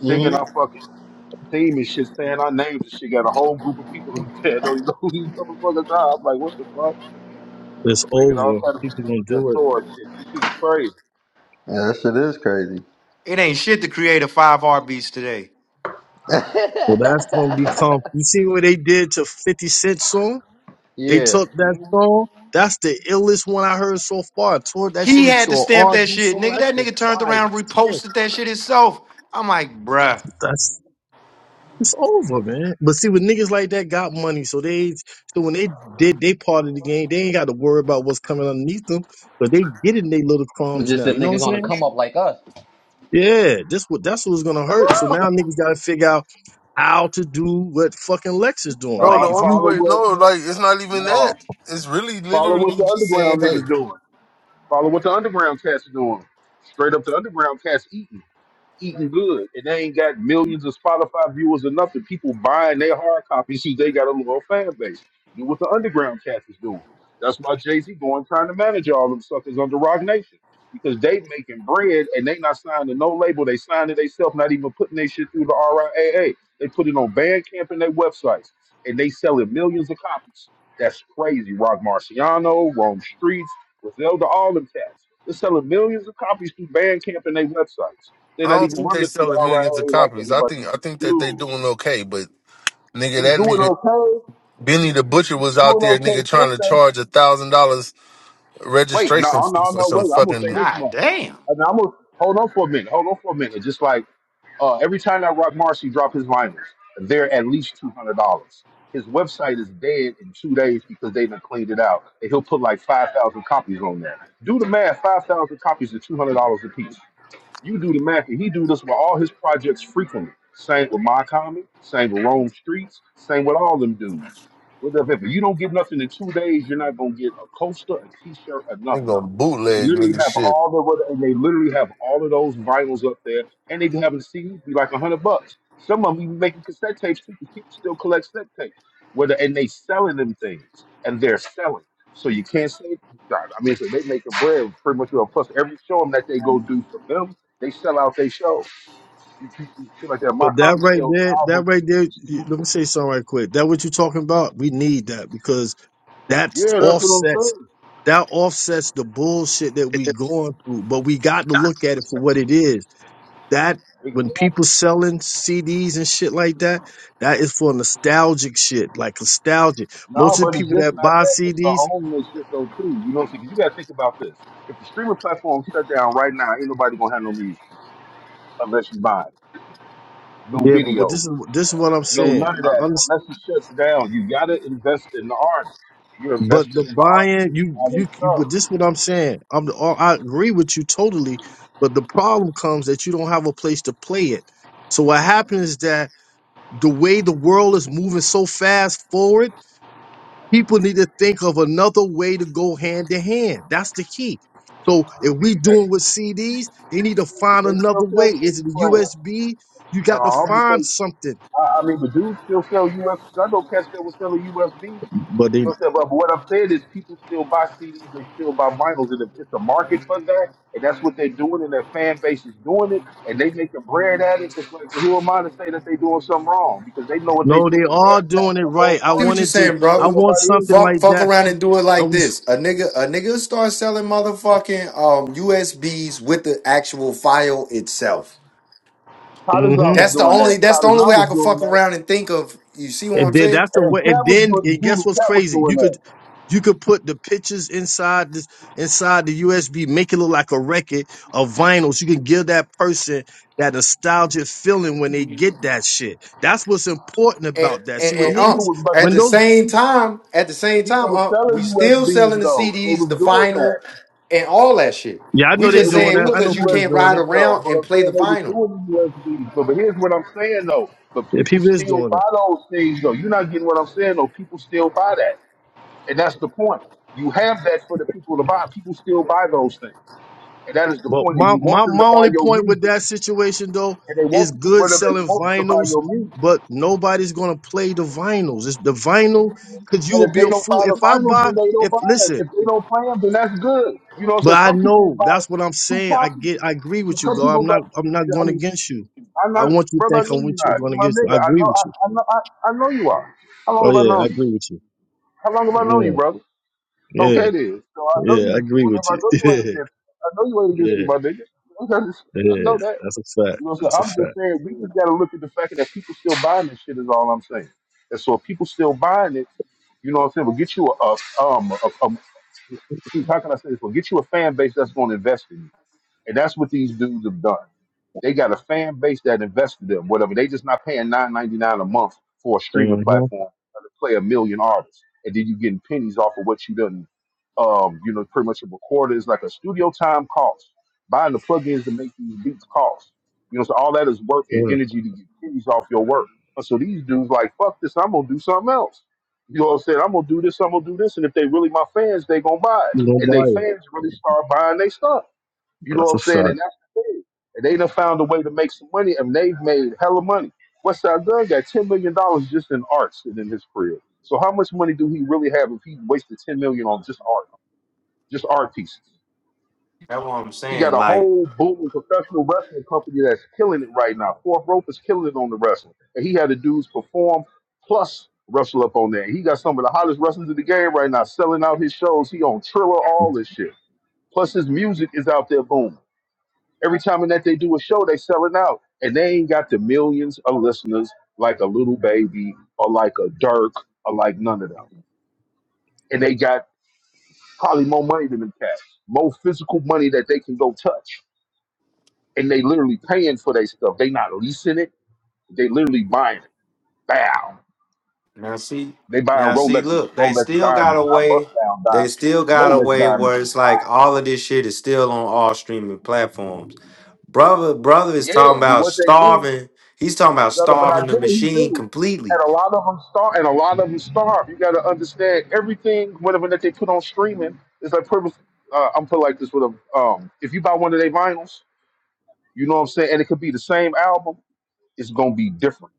[SPEAKER 1] hmm
[SPEAKER 5] singing
[SPEAKER 1] Yeah,
[SPEAKER 5] our fucking theme and shit, saying our names and shit. Got a whole group of people up there. that Don't even know who these motherfuckers are. I'm like, what the fuck?
[SPEAKER 4] It's
[SPEAKER 5] Making all
[SPEAKER 4] over.
[SPEAKER 5] kind of
[SPEAKER 4] People
[SPEAKER 5] videos
[SPEAKER 4] gonna
[SPEAKER 5] with that
[SPEAKER 4] do it.
[SPEAKER 5] sword shit. This shit is crazy.
[SPEAKER 1] that shit is crazy.
[SPEAKER 3] It ain't shit to create a five R beats today.
[SPEAKER 4] Well, that's gonna become. You see what they did to Fifty Cent song? They
[SPEAKER 1] Yeah.
[SPEAKER 4] took that
[SPEAKER 5] Mm-hmm.
[SPEAKER 4] song. That's the illest one I heard so far. Tore that shit
[SPEAKER 3] He had
[SPEAKER 4] into
[SPEAKER 3] to
[SPEAKER 4] an
[SPEAKER 3] stamp that
[SPEAKER 4] R&B
[SPEAKER 3] shit,
[SPEAKER 4] song.
[SPEAKER 3] nigga.
[SPEAKER 4] That's
[SPEAKER 3] That
[SPEAKER 4] just
[SPEAKER 3] nigga turned around,
[SPEAKER 4] fire. shit.
[SPEAKER 3] reposted that shit himself. I'm like, bruh,
[SPEAKER 4] That's It's over, man. But see, with niggas like that got money, so they so when they did they part of the game, they ain't got to worry about what's coming underneath them. But they getting their little
[SPEAKER 1] It's
[SPEAKER 4] crumbs
[SPEAKER 1] just
[SPEAKER 4] now.
[SPEAKER 1] that
[SPEAKER 4] You know what I'm
[SPEAKER 1] niggas on the
[SPEAKER 4] saying?
[SPEAKER 1] come up like us.
[SPEAKER 4] Yeah, this what that's what's gonna hurt. So now niggas gotta figure out how to do what fucking Lex is doing.
[SPEAKER 2] Bro, the
[SPEAKER 4] Like
[SPEAKER 5] No,
[SPEAKER 4] if
[SPEAKER 2] only
[SPEAKER 4] you
[SPEAKER 5] follow
[SPEAKER 2] way,
[SPEAKER 5] what
[SPEAKER 2] no, like, it's not even that.
[SPEAKER 5] no.
[SPEAKER 2] It's really
[SPEAKER 5] Follow what
[SPEAKER 2] literally
[SPEAKER 5] the
[SPEAKER 2] just saying,
[SPEAKER 5] underground
[SPEAKER 2] hey,
[SPEAKER 5] niggas doing. Follow what the underground cats are doing. Straight up the underground cats eating eating good, and they ain't got millions of Spotify viewers or nothing. People buying their hard copies because they got a little fan base. Do what the underground cats is doing. That's why Jay Z going trying to manage all them suckers under Rock Nation because they making bread and they not signed to no label. They signed to themselves, not even putting their shit through the RIAA. They put it on Bandcamp and their websites, and they selling millions of copies. That's crazy. Rock Marciano, Rome Streets, Griselda, all them cats. They're selling millions of copies through Bandcamp and their websites. They're
[SPEAKER 2] I
[SPEAKER 5] not
[SPEAKER 2] don't
[SPEAKER 5] even
[SPEAKER 2] think they
[SPEAKER 5] running through the
[SPEAKER 2] selling millions of
[SPEAKER 5] RIA like
[SPEAKER 2] copies. I
[SPEAKER 5] everybody.
[SPEAKER 2] think I think that they
[SPEAKER 5] Dude,
[SPEAKER 2] doing okay, but nigga,
[SPEAKER 5] she's
[SPEAKER 2] that
[SPEAKER 5] doing
[SPEAKER 2] nigga
[SPEAKER 5] okay. She's,
[SPEAKER 2] Benny the Butcher
[SPEAKER 5] she's
[SPEAKER 2] was out
[SPEAKER 5] doing
[SPEAKER 2] there, nigga,
[SPEAKER 5] okay.
[SPEAKER 2] trying to
[SPEAKER 5] Costa.
[SPEAKER 2] charge a thousand dollars
[SPEAKER 5] Wait,
[SPEAKER 2] registration
[SPEAKER 5] no,
[SPEAKER 2] fee
[SPEAKER 5] no,
[SPEAKER 2] for
[SPEAKER 5] no,
[SPEAKER 2] some
[SPEAKER 5] wait. I'm gonna say
[SPEAKER 2] fucking
[SPEAKER 5] this
[SPEAKER 3] god
[SPEAKER 5] much.
[SPEAKER 3] damn.
[SPEAKER 5] And I'm gonna hold on for a minute. Hold on for a minute. Just like uh, every time that Rock Marcy drop his vinyls, they're at least two hundred dollars. His website is dead in two days because they done cleaned it out. And he'll put like five thousand copies on there. Do the math: five thousand copies are two hundred dollars a piece. You do the math, and he do this with all his projects frequently. Same with my common, same with Rome Streets, same with all them dudes. With the- If you don't get nothing in two days, you're not gonna get a coaster, a t-shirt, or nothing.
[SPEAKER 2] nigga
[SPEAKER 5] And they
[SPEAKER 2] bootleg
[SPEAKER 5] literally
[SPEAKER 2] nigga
[SPEAKER 5] have
[SPEAKER 2] shit.
[SPEAKER 5] all the what- and they literally have all of those vinyls up there, and they can have them be like a hundred bucks. Some of them even making cassette tapes too, because people still collect cassette tapes. Whether and they selling them things, and they're selling. So you can't say God. I mean, so they make the bread pretty much well. Plus, every show that they go do for them, they sell out. their show. You, you, you feel like that. My
[SPEAKER 4] but that
[SPEAKER 5] comic
[SPEAKER 4] right
[SPEAKER 5] sells
[SPEAKER 4] there, that
[SPEAKER 5] albums.
[SPEAKER 4] right there, you- let me say something right quick. That what you talking about? We need that because that
[SPEAKER 5] Yeah, that's what I'm
[SPEAKER 4] offsets that offsets the bullshit that we going through. But we got to look at it for what it is that
[SPEAKER 5] saying.
[SPEAKER 4] when
[SPEAKER 5] Exactly.
[SPEAKER 4] people selling CDs and shit like that, that is for nostalgic shit, like nostalgic. Most
[SPEAKER 5] No,
[SPEAKER 4] of the
[SPEAKER 5] but it's
[SPEAKER 4] people
[SPEAKER 5] just
[SPEAKER 4] that
[SPEAKER 5] not
[SPEAKER 4] buy
[SPEAKER 5] that. It's the
[SPEAKER 4] CDs,
[SPEAKER 5] homeless shit though too. You know what I'm saying? 'Cause you gotta think about this. If the streaming platform shut down right now, ain't nobody gonna have no music unless you buy it. No
[SPEAKER 4] yeah, but what this
[SPEAKER 5] video,
[SPEAKER 4] is this is what I'm
[SPEAKER 5] no
[SPEAKER 4] saying.
[SPEAKER 5] none of
[SPEAKER 4] I
[SPEAKER 5] that.
[SPEAKER 4] understand.
[SPEAKER 5] Unless it shuts down, you gotta invest in the artist. You're
[SPEAKER 4] But the
[SPEAKER 5] invested in the artist
[SPEAKER 4] buying,
[SPEAKER 5] when you
[SPEAKER 4] you,
[SPEAKER 5] buy their
[SPEAKER 4] you, you,
[SPEAKER 5] stuff.
[SPEAKER 4] but this is what I'm saying. I'm, oh, I agree with you totally. But the problem comes that you don't have a place to play it. So what happens is that the way the world is moving so fast forward People need to think of another way to go hand to hand. That's the key. So if we
[SPEAKER 5] But
[SPEAKER 4] doing with
[SPEAKER 5] they,
[SPEAKER 4] CDs, they need to
[SPEAKER 5] but
[SPEAKER 4] find
[SPEAKER 5] they
[SPEAKER 4] another
[SPEAKER 5] still
[SPEAKER 4] way.
[SPEAKER 5] sell CD
[SPEAKER 4] Is it
[SPEAKER 5] brands.
[SPEAKER 4] USB? You got to find
[SPEAKER 5] No,
[SPEAKER 4] something.
[SPEAKER 5] I, I mean, but dudes still sell US. Cause I know cats that was selling USD.
[SPEAKER 4] But
[SPEAKER 5] You
[SPEAKER 4] they
[SPEAKER 5] know what I'm saying? But, but what I'm saying is, people still buy CDs. They still buy vinyls, and if it's a market for that, and that's what they're doing, and their fan base is doing it, and they make a bread at it. It's like, who am I to say that they're doing something wrong? Because they know what they're
[SPEAKER 4] no,
[SPEAKER 5] doing.
[SPEAKER 4] they
[SPEAKER 5] Because they're
[SPEAKER 4] are doing it
[SPEAKER 5] attacking the whole
[SPEAKER 4] right. I
[SPEAKER 3] See what
[SPEAKER 5] market.
[SPEAKER 3] you're
[SPEAKER 4] wanted to.
[SPEAKER 3] saying,
[SPEAKER 4] I
[SPEAKER 5] Ain't
[SPEAKER 3] brother.
[SPEAKER 4] want
[SPEAKER 5] nobody
[SPEAKER 4] something
[SPEAKER 5] in it.
[SPEAKER 3] Fuck,
[SPEAKER 4] like
[SPEAKER 3] fuck
[SPEAKER 4] that.
[SPEAKER 3] around and do it
[SPEAKER 4] I
[SPEAKER 3] like
[SPEAKER 4] was.
[SPEAKER 3] this. A nigga, a nigga start selling motherfucking um USBs with the actual file itself.
[SPEAKER 4] mm-hmm.
[SPEAKER 5] Kadazar was
[SPEAKER 3] That's the
[SPEAKER 5] doing
[SPEAKER 3] only.
[SPEAKER 5] that.
[SPEAKER 3] That's the only
[SPEAKER 5] Kadazar
[SPEAKER 3] way I
[SPEAKER 5] was
[SPEAKER 3] can
[SPEAKER 5] doing
[SPEAKER 3] fuck
[SPEAKER 5] that.
[SPEAKER 3] around and think of. You see what
[SPEAKER 4] And
[SPEAKER 3] I'm
[SPEAKER 4] then
[SPEAKER 3] saying?
[SPEAKER 4] that's the
[SPEAKER 5] And
[SPEAKER 4] way. And
[SPEAKER 5] Cat was
[SPEAKER 4] then
[SPEAKER 5] doing
[SPEAKER 4] and guess
[SPEAKER 5] Zulu.
[SPEAKER 4] what's
[SPEAKER 5] Cat was
[SPEAKER 4] crazy?
[SPEAKER 5] doing
[SPEAKER 4] You
[SPEAKER 5] that.
[SPEAKER 4] could you could put the pictures inside this inside the USB, make it look like a record of vinyls. You can give that person that nostalgic feeling when they get that shit. That's what's important
[SPEAKER 3] And
[SPEAKER 4] about that.
[SPEAKER 3] and,
[SPEAKER 4] See,
[SPEAKER 5] But
[SPEAKER 4] when
[SPEAKER 3] and um,
[SPEAKER 4] niggas,
[SPEAKER 5] people was but
[SPEAKER 3] at
[SPEAKER 4] when
[SPEAKER 3] the
[SPEAKER 4] those,
[SPEAKER 3] same time, at the same
[SPEAKER 5] people
[SPEAKER 3] time,
[SPEAKER 5] were
[SPEAKER 3] um, we
[SPEAKER 5] selling
[SPEAKER 3] still selling
[SPEAKER 5] USBs
[SPEAKER 3] the
[SPEAKER 5] though. They
[SPEAKER 3] CDs,
[SPEAKER 5] was
[SPEAKER 3] the
[SPEAKER 5] doing
[SPEAKER 3] vinyl,
[SPEAKER 5] that.
[SPEAKER 3] and all that shit.
[SPEAKER 4] yeah, I
[SPEAKER 3] We
[SPEAKER 4] know they
[SPEAKER 5] They
[SPEAKER 3] just
[SPEAKER 5] was
[SPEAKER 4] doing
[SPEAKER 3] saying
[SPEAKER 4] that.
[SPEAKER 5] doing
[SPEAKER 4] I
[SPEAKER 5] the
[SPEAKER 4] know
[SPEAKER 3] because you
[SPEAKER 4] people's
[SPEAKER 3] can't
[SPEAKER 4] doing
[SPEAKER 3] ride
[SPEAKER 4] it.
[SPEAKER 5] USBs though,
[SPEAKER 3] around
[SPEAKER 5] but
[SPEAKER 3] and
[SPEAKER 5] I'm
[SPEAKER 3] play
[SPEAKER 5] saying
[SPEAKER 3] the
[SPEAKER 5] they was
[SPEAKER 3] vinyl.
[SPEAKER 5] doing the USBs. But, but here's what I'm saying though. But
[SPEAKER 4] Yeah,
[SPEAKER 5] people
[SPEAKER 4] people is
[SPEAKER 5] still
[SPEAKER 4] doing it.
[SPEAKER 5] buy those things though. You're not getting what I'm saying though. People still buy that. And that's the point. You have that for the people to buy. People still buy those things. And that is the
[SPEAKER 4] Well,
[SPEAKER 5] point. And
[SPEAKER 4] my,
[SPEAKER 5] you want
[SPEAKER 4] my
[SPEAKER 5] them to
[SPEAKER 4] my
[SPEAKER 5] buy
[SPEAKER 4] only
[SPEAKER 5] your
[SPEAKER 4] point with
[SPEAKER 5] music.
[SPEAKER 4] that situation though
[SPEAKER 5] And they
[SPEAKER 4] is
[SPEAKER 5] want
[SPEAKER 4] good
[SPEAKER 5] whether they
[SPEAKER 4] selling
[SPEAKER 5] want them to buy
[SPEAKER 4] vinyls,
[SPEAKER 5] your music.
[SPEAKER 4] but nobody's gonna play the vinyls. It's the vinyl because you will
[SPEAKER 5] And if
[SPEAKER 4] be
[SPEAKER 5] they
[SPEAKER 4] a
[SPEAKER 5] don't
[SPEAKER 4] fool
[SPEAKER 5] buy
[SPEAKER 4] if
[SPEAKER 5] the
[SPEAKER 4] I
[SPEAKER 5] vinyls,
[SPEAKER 4] buy.
[SPEAKER 5] then they don't
[SPEAKER 4] If
[SPEAKER 5] buy it.
[SPEAKER 4] listen,
[SPEAKER 5] If they don't play them, then that's good. You know,
[SPEAKER 4] but
[SPEAKER 5] so
[SPEAKER 4] I
[SPEAKER 5] some people
[SPEAKER 4] know
[SPEAKER 5] buy
[SPEAKER 4] that's what I'm
[SPEAKER 5] two
[SPEAKER 4] saying. I
[SPEAKER 5] copies.
[SPEAKER 4] get. I agree
[SPEAKER 5] So
[SPEAKER 4] with you,
[SPEAKER 5] some
[SPEAKER 4] God. I'm
[SPEAKER 5] people buy.
[SPEAKER 4] not. I'm not
[SPEAKER 5] I
[SPEAKER 4] going
[SPEAKER 5] mean,
[SPEAKER 4] against you.
[SPEAKER 5] I'm
[SPEAKER 4] I
[SPEAKER 5] not,
[SPEAKER 4] want you to
[SPEAKER 5] brother. I
[SPEAKER 4] think
[SPEAKER 5] know
[SPEAKER 4] I'm
[SPEAKER 5] you're
[SPEAKER 4] with you,
[SPEAKER 5] not.
[SPEAKER 4] going
[SPEAKER 5] You're my
[SPEAKER 4] against you.
[SPEAKER 5] nigga.
[SPEAKER 4] I
[SPEAKER 5] I
[SPEAKER 4] agree
[SPEAKER 5] know.
[SPEAKER 4] with
[SPEAKER 5] I,
[SPEAKER 4] you.
[SPEAKER 5] I know. I, I know you are. How long
[SPEAKER 4] Oh
[SPEAKER 5] have I
[SPEAKER 4] yeah, I
[SPEAKER 5] known you?
[SPEAKER 4] agree with you.
[SPEAKER 5] How long have I known you,
[SPEAKER 4] Yeah,
[SPEAKER 5] brother?
[SPEAKER 4] yeah,
[SPEAKER 5] Okay, then. So I know
[SPEAKER 4] yeah. I
[SPEAKER 5] you.
[SPEAKER 4] agree with
[SPEAKER 5] Whatever. I know you ain't
[SPEAKER 4] you.
[SPEAKER 5] against. I know you ain't
[SPEAKER 4] Yeah,
[SPEAKER 5] against me, my nigga. Okay, just-
[SPEAKER 4] yeah,
[SPEAKER 5] I
[SPEAKER 4] yeah.
[SPEAKER 5] know that.
[SPEAKER 4] That's a fact.
[SPEAKER 5] You know. So
[SPEAKER 4] That's a
[SPEAKER 5] I'm just
[SPEAKER 4] fact.
[SPEAKER 5] saying, we just got to look at the fact that people still buying this shit. Is all I'm saying. And so if people still buying it, you know what I'm saying. We'll get you a, a um a, a, how can I say this? We'll get you a fan base that's going to invest in you, and that's what these dudes have done. They got a fan base that invested in them, whatever. They just not paying nine ninety nine a month for a streaming
[SPEAKER 4] Mm-hmm.
[SPEAKER 5] platform to play a million artists, and then you getting pennies off of what you done. Um, you know, pretty much a recorder is like a studio time cost. Buying the plugins to make these beats cost. You know, so all that is work and
[SPEAKER 4] Yeah,
[SPEAKER 5] energy to get pennies off your work. And so these dudes like, fuck this, I'm gonna do something else. You know what I'm saying? I'm gonna do this, I'm gonna do this, and if they really my fans, they gonna buy it.
[SPEAKER 4] You don't
[SPEAKER 5] And they
[SPEAKER 4] buy it.
[SPEAKER 5] fans really start buying their stuff. You know what
[SPEAKER 4] That's
[SPEAKER 5] I'm
[SPEAKER 4] a fact.
[SPEAKER 5] saying? And that's the thing. And they done found a way to make some money, and they've made hella money. Westside Gun got ten million dollars just in art sitting in his crib. So how much money do he really have if he wasted ten million on just art, just art pieces?
[SPEAKER 3] That's what I'm
[SPEAKER 5] He got
[SPEAKER 3] saying.
[SPEAKER 5] a
[SPEAKER 3] Like.
[SPEAKER 5] whole booming professional wrestling company that's killing it right now. Fourth Rope is killing it on the wrestling, and he had the dudes perform plus wrestle up on there. He got some of the hottest wrestlers in the game right now, selling out his shows. He on Triller, all this shit. Plus his music is out there booming. Every time that they do a show, they selling out, and they ain't got the millions of listeners like a little baby or like a Dirk or like none of them. And they got probably more money than them cats, more physical money that they can go touch, and they literally paying for their stuff. They not leasing it; they literally buying it. Bow.
[SPEAKER 3] Now see,
[SPEAKER 5] They
[SPEAKER 3] now
[SPEAKER 5] buying
[SPEAKER 3] see,
[SPEAKER 5] Rolexes,
[SPEAKER 3] look, they
[SPEAKER 5] Rolex
[SPEAKER 3] still got
[SPEAKER 5] diamonds,
[SPEAKER 3] a
[SPEAKER 5] not bust
[SPEAKER 3] way.
[SPEAKER 5] down
[SPEAKER 3] They
[SPEAKER 5] diamonds,
[SPEAKER 3] still got a
[SPEAKER 5] Rolex
[SPEAKER 3] way
[SPEAKER 5] diamonds.
[SPEAKER 3] where it's like all of this shit is still on all streaming platforms. Brother, brother is talking
[SPEAKER 5] Yeah, but
[SPEAKER 3] about
[SPEAKER 5] what they do
[SPEAKER 3] starving. He's talking about
[SPEAKER 5] brother, but I
[SPEAKER 3] starving the
[SPEAKER 5] get what he
[SPEAKER 3] machine
[SPEAKER 5] do.
[SPEAKER 3] completely.
[SPEAKER 5] And a lot of them starve, and a lot of them starve. You got to understand everything. Whatever that they put on streaming is like purpose. Uh, I'm put like this with a um. If you buy one of their vinyls, you know what I'm saying, and it could be the same album. It's gonna be different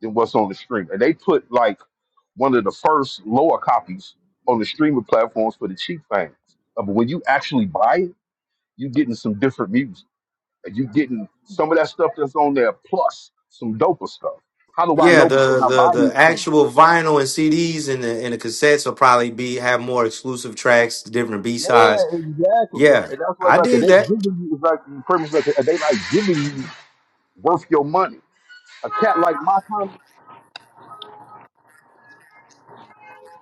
[SPEAKER 5] than what's on the stream. And they put like one of the first lower copies on the streaming platforms for the cheap fans. Uh, but when you actually buy it, you getting some different music and you getting some of that stuff that's on there plus some doper stuff. How do I
[SPEAKER 3] Yeah,
[SPEAKER 5] know? Because
[SPEAKER 3] the
[SPEAKER 5] I
[SPEAKER 3] the
[SPEAKER 5] buy
[SPEAKER 3] the
[SPEAKER 5] these things.
[SPEAKER 3] actual vinyl and CDs and the and the cassettes will probably be have more exclusive tracks, different B sides.
[SPEAKER 5] Yeah, exactly.
[SPEAKER 3] Yeah,
[SPEAKER 5] And that's what it's
[SPEAKER 3] I
[SPEAKER 5] like.
[SPEAKER 3] did
[SPEAKER 5] They
[SPEAKER 3] that.
[SPEAKER 5] giving you it's like you pretty much like they like giving you worth your money. A cat like my time,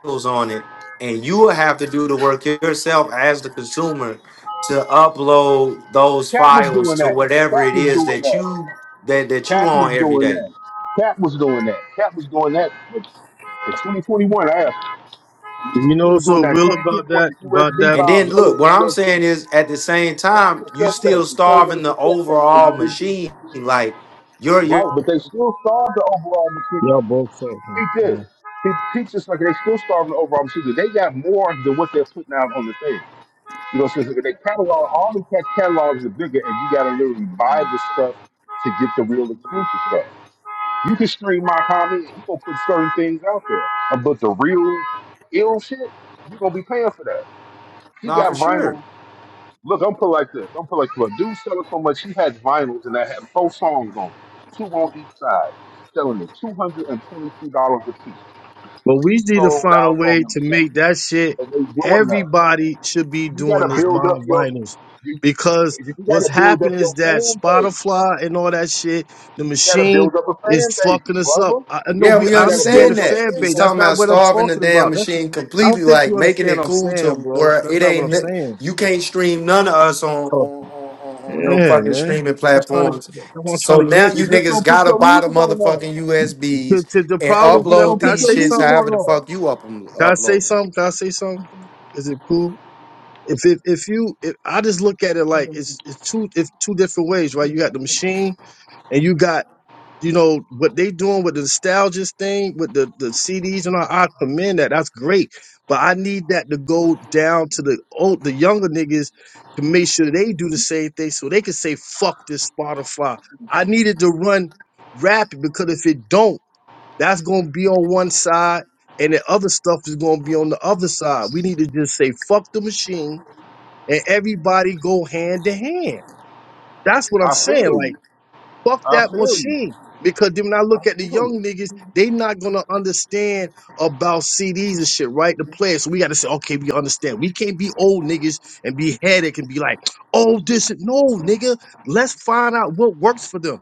[SPEAKER 3] titles on it, and you will have to do the work yourself as the consumer to upload those
[SPEAKER 5] cat was
[SPEAKER 3] files
[SPEAKER 5] doing
[SPEAKER 3] to
[SPEAKER 5] that.
[SPEAKER 3] whatever
[SPEAKER 5] Cat
[SPEAKER 3] it
[SPEAKER 5] was
[SPEAKER 3] is
[SPEAKER 5] doing
[SPEAKER 3] that
[SPEAKER 5] that.
[SPEAKER 3] you that that you
[SPEAKER 5] Cat was
[SPEAKER 3] on every
[SPEAKER 5] doing
[SPEAKER 3] day.
[SPEAKER 5] that. Cat was doing that. Cat was doing that. in 2021, I asked him.
[SPEAKER 4] You know
[SPEAKER 5] He was doing
[SPEAKER 4] so
[SPEAKER 5] that
[SPEAKER 4] real
[SPEAKER 5] in
[SPEAKER 4] about
[SPEAKER 5] 2021.
[SPEAKER 4] that?
[SPEAKER 5] The
[SPEAKER 4] About
[SPEAKER 5] USB
[SPEAKER 4] that?
[SPEAKER 3] And
[SPEAKER 5] file
[SPEAKER 3] then
[SPEAKER 5] selling
[SPEAKER 3] look,
[SPEAKER 5] the
[SPEAKER 3] what I'm saying
[SPEAKER 5] USB.
[SPEAKER 3] is at the same
[SPEAKER 5] Then the
[SPEAKER 3] time, you
[SPEAKER 5] cassette tape.
[SPEAKER 3] still
[SPEAKER 5] It came in
[SPEAKER 3] starving
[SPEAKER 5] a
[SPEAKER 3] the
[SPEAKER 5] cassette tape, and
[SPEAKER 3] overall
[SPEAKER 5] you did
[SPEAKER 3] machine.
[SPEAKER 5] it.
[SPEAKER 3] Like you're you're
[SPEAKER 5] Right, but they still starve the overall machinery.
[SPEAKER 4] Y'all both talking.
[SPEAKER 5] Peep this.
[SPEAKER 4] Yeah.
[SPEAKER 5] Peep, peep this like they still starving the overall machinery. They got more than what they're putting out on the thing. You know, so it's like they catalog all the cat catalogs are bigger, and you gotta literally buy the stuff to get the real exclusive stuff. You can stream my comment, and he gonna put certain things out there, Uh, but the real ill shit, you're gonna be paying for that. He
[SPEAKER 3] not
[SPEAKER 5] got
[SPEAKER 3] for sure.
[SPEAKER 5] vinyl. Look, I'm put like this. I'm put like this. Dude selling so much, he has vinyls and that had four songs on it, two on each side, selling at two hundred and twenty-two dollars a piece.
[SPEAKER 4] But we
[SPEAKER 5] He
[SPEAKER 4] need to
[SPEAKER 5] sold
[SPEAKER 4] find a
[SPEAKER 5] out on
[SPEAKER 4] way to
[SPEAKER 5] himself,
[SPEAKER 4] make that shit.
[SPEAKER 5] and they doing that.
[SPEAKER 4] Everybody should be
[SPEAKER 5] You got
[SPEAKER 4] doing
[SPEAKER 5] to
[SPEAKER 4] this
[SPEAKER 5] build up
[SPEAKER 4] mind
[SPEAKER 5] your,
[SPEAKER 4] vinyls
[SPEAKER 5] you,
[SPEAKER 4] because
[SPEAKER 5] you got
[SPEAKER 4] what's
[SPEAKER 5] to build up
[SPEAKER 4] happening is
[SPEAKER 5] your
[SPEAKER 4] that
[SPEAKER 5] fan base.
[SPEAKER 4] Spotify and all that shit, the
[SPEAKER 5] You got to
[SPEAKER 4] machine
[SPEAKER 5] build up a
[SPEAKER 4] is
[SPEAKER 5] fan base,
[SPEAKER 4] fucking us up.
[SPEAKER 5] brother.
[SPEAKER 4] I, I know
[SPEAKER 3] Yeah,
[SPEAKER 4] we.
[SPEAKER 3] we
[SPEAKER 5] You
[SPEAKER 4] I
[SPEAKER 5] got to
[SPEAKER 4] understand
[SPEAKER 5] build
[SPEAKER 4] the
[SPEAKER 3] understand
[SPEAKER 5] your
[SPEAKER 3] that.
[SPEAKER 4] fan
[SPEAKER 5] fan
[SPEAKER 3] It's
[SPEAKER 4] base.
[SPEAKER 5] base.
[SPEAKER 4] That's
[SPEAKER 3] talking
[SPEAKER 4] not
[SPEAKER 3] about
[SPEAKER 4] what I'm
[SPEAKER 3] starving the
[SPEAKER 4] talking
[SPEAKER 3] damn
[SPEAKER 4] about. That's.
[SPEAKER 3] machine
[SPEAKER 4] I
[SPEAKER 3] completely,
[SPEAKER 4] don't think
[SPEAKER 3] like
[SPEAKER 4] you
[SPEAKER 3] making
[SPEAKER 4] understand
[SPEAKER 3] it
[SPEAKER 4] what I'm
[SPEAKER 3] cool
[SPEAKER 4] saying,
[SPEAKER 3] to
[SPEAKER 4] bro.
[SPEAKER 3] where
[SPEAKER 4] That's
[SPEAKER 3] it
[SPEAKER 4] not what
[SPEAKER 3] ain't
[SPEAKER 4] I'm
[SPEAKER 3] n-
[SPEAKER 4] saying.
[SPEAKER 3] you can't stream none of us on on,
[SPEAKER 4] Oh,
[SPEAKER 3] on, on on no
[SPEAKER 4] yeah,
[SPEAKER 3] fucking
[SPEAKER 4] man.
[SPEAKER 3] streaming
[SPEAKER 4] That's what I'm trying to.
[SPEAKER 3] platforms.
[SPEAKER 4] That's what I'm trying
[SPEAKER 3] So
[SPEAKER 4] to
[SPEAKER 3] now
[SPEAKER 4] get.
[SPEAKER 5] You
[SPEAKER 3] you
[SPEAKER 5] just
[SPEAKER 3] niggas
[SPEAKER 5] don't put
[SPEAKER 3] gotta
[SPEAKER 5] your
[SPEAKER 3] buy the
[SPEAKER 5] music on there.
[SPEAKER 3] motherfucking
[SPEAKER 4] The,
[SPEAKER 3] USBs
[SPEAKER 4] the, the
[SPEAKER 3] and
[SPEAKER 5] You
[SPEAKER 4] problem.
[SPEAKER 5] just
[SPEAKER 4] Can
[SPEAKER 3] upload
[SPEAKER 5] don't put
[SPEAKER 4] I
[SPEAKER 3] these
[SPEAKER 4] say
[SPEAKER 5] your
[SPEAKER 3] shits
[SPEAKER 5] music
[SPEAKER 4] something?
[SPEAKER 3] however the
[SPEAKER 5] on
[SPEAKER 3] fuck you up
[SPEAKER 4] Can I say
[SPEAKER 3] upload 'em.
[SPEAKER 4] something? Can I say something? Is it cool? If if if you, if, I just look at it like it's it's two if two different ways, right? You got the machine, and you got you know what they doing with the nostalgia thing with the the CDs and all. I commend that. That's great, but I need that to go down to the old the younger niggas to make sure they do the same thing, so they can say fuck this Spotify. I needed to run rapid because if it don't. That's gonna be on one side, and the other stuff is gonna be on the other side. We need to just say fuck the machine, and everybody go hand to hand. That's what
[SPEAKER 5] there.
[SPEAKER 4] I'm
[SPEAKER 5] I feel
[SPEAKER 4] saying. Like
[SPEAKER 5] you.
[SPEAKER 4] Fuck
[SPEAKER 5] I
[SPEAKER 4] that
[SPEAKER 5] feel you.
[SPEAKER 4] machine. Because then when I
[SPEAKER 5] I
[SPEAKER 4] look at the
[SPEAKER 5] feel
[SPEAKER 4] young
[SPEAKER 5] you.
[SPEAKER 4] niggas, they not gonna understand about CDs and shit, right? The players. So we gotta say, okay, we understand. We can't be old niggas and be headache and be like, oh, this and no, nigga. Let's find out what works for them.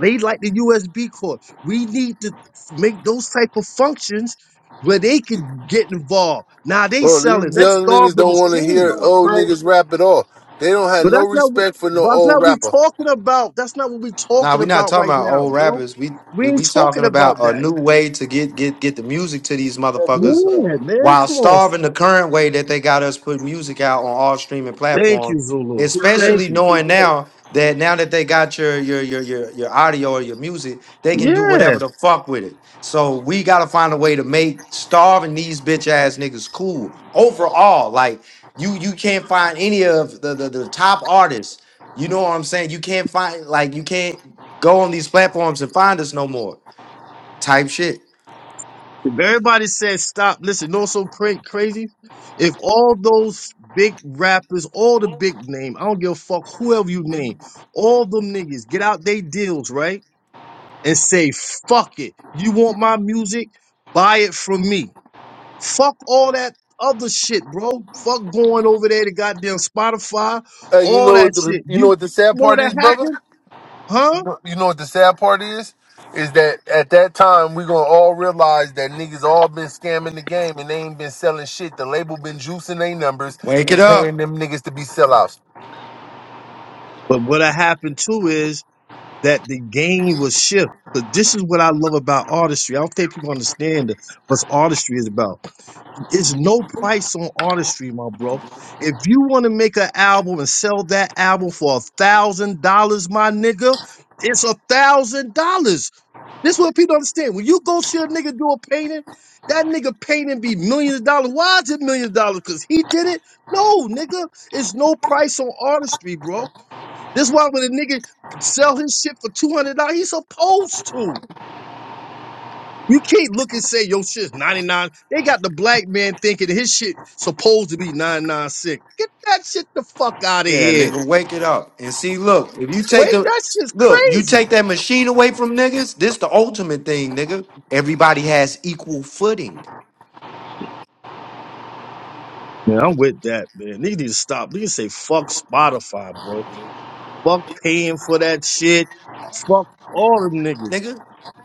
[SPEAKER 4] They like the USB cord. We need to make those type of functions where they can get involved. Now they
[SPEAKER 2] Bro,
[SPEAKER 4] selling.
[SPEAKER 2] these
[SPEAKER 4] Let's
[SPEAKER 2] young
[SPEAKER 4] starve
[SPEAKER 2] niggas
[SPEAKER 4] the
[SPEAKER 2] don't want to
[SPEAKER 5] You
[SPEAKER 4] machine.
[SPEAKER 2] hear
[SPEAKER 5] know what's
[SPEAKER 2] old
[SPEAKER 5] crazy?
[SPEAKER 2] niggas rap at all. They don't have
[SPEAKER 4] But
[SPEAKER 2] no
[SPEAKER 4] that's not what
[SPEAKER 2] respect for no
[SPEAKER 4] that's not
[SPEAKER 2] old
[SPEAKER 4] what we
[SPEAKER 2] rapper.
[SPEAKER 4] talking about. That's not what we
[SPEAKER 3] Nah,
[SPEAKER 4] talking
[SPEAKER 3] we not
[SPEAKER 4] about
[SPEAKER 3] talking
[SPEAKER 4] right
[SPEAKER 3] about
[SPEAKER 4] now,
[SPEAKER 3] old
[SPEAKER 4] bro.
[SPEAKER 3] rappers. We
[SPEAKER 4] We
[SPEAKER 3] we,
[SPEAKER 4] ain't
[SPEAKER 3] we talking
[SPEAKER 4] talking
[SPEAKER 3] about
[SPEAKER 4] about
[SPEAKER 3] a
[SPEAKER 4] that.
[SPEAKER 3] new way to get, get get the music to these
[SPEAKER 5] That's this
[SPEAKER 3] motherfuckers
[SPEAKER 5] thing.
[SPEAKER 4] Yeah, man.
[SPEAKER 3] while
[SPEAKER 4] Come on.
[SPEAKER 3] starving the current way that they got us put music out on all streaming
[SPEAKER 4] Thank
[SPEAKER 3] platforms.
[SPEAKER 4] you, Zulu.
[SPEAKER 5] He said,
[SPEAKER 4] Thank
[SPEAKER 3] Especially
[SPEAKER 4] you.
[SPEAKER 5] he
[SPEAKER 3] knowing
[SPEAKER 5] did.
[SPEAKER 3] now that now that they got your your your your, your audio or your music, they can do
[SPEAKER 4] Yeah.
[SPEAKER 3] whatever the fuck with it. So we gotta find a way to make starving these bitch ass niggas cool overall. Like you you can't find any of the the, the top artists you know what I'm saying? You can't find like you can't go on these platforms and find us no more. Type shit.
[SPEAKER 4] If everybody said stop, listen, you know what's so cra- crazy? If all those big rappers, all the big name, I don't give a fuck whoever you name, all them niggas get out they deals, right? And say, fuck it. You want my music? Buy it from me Fuck all that other shit, bro. Fuck going over there to goddamn Spotify,
[SPEAKER 2] Hey, you
[SPEAKER 4] all
[SPEAKER 2] know
[SPEAKER 4] that
[SPEAKER 2] what the
[SPEAKER 4] shit.
[SPEAKER 2] you know
[SPEAKER 4] You
[SPEAKER 2] what the sad
[SPEAKER 4] know what
[SPEAKER 2] part
[SPEAKER 4] that
[SPEAKER 2] is, brother?
[SPEAKER 4] happened? Huh?
[SPEAKER 2] But You know what the sad part is? Is that at that time we gonna all realize that niggas all been scamming the game and they ain't been selling shit. The label been juicing their numbers
[SPEAKER 3] Wake it
[SPEAKER 2] and
[SPEAKER 3] up.
[SPEAKER 2] paying them niggas to be sellouts.
[SPEAKER 4] But what that happened too is that the game was shift. But this is what I love about artistry. I don't think people understand what's artistry is about. It's no price on artistry, my bro. If you want to make an album and sell that album for a thousand dollars, my nigga, it's a thousand dollars. This what people don't understand. When you go see a nigga do a painting, that nigga painting be millions of dollars. Why is it millions of dollars? Because he did it? No, nigga. It's no price on artistry, bro. This why when a nigga sell his shit for $200, he's supposed to. You can't look and say your shit's 99. They got the black man thinking his shit supposed to be 996. Get that shit the fuck out of
[SPEAKER 3] Yeah,
[SPEAKER 4] here.
[SPEAKER 3] nigga, wake it up. And see, look, if you take
[SPEAKER 4] Wait,
[SPEAKER 3] the
[SPEAKER 4] that shit's
[SPEAKER 3] look, you take
[SPEAKER 4] crazy.
[SPEAKER 3] that machine away from niggas, this the ultimate thing, nigga. Everybody has equal footing,
[SPEAKER 4] Man, I'm with that, man. They need to stop. They need to say fuck Spotify, bro. Fuck paying for that shit. Fuck all them niggas.
[SPEAKER 3] nigga.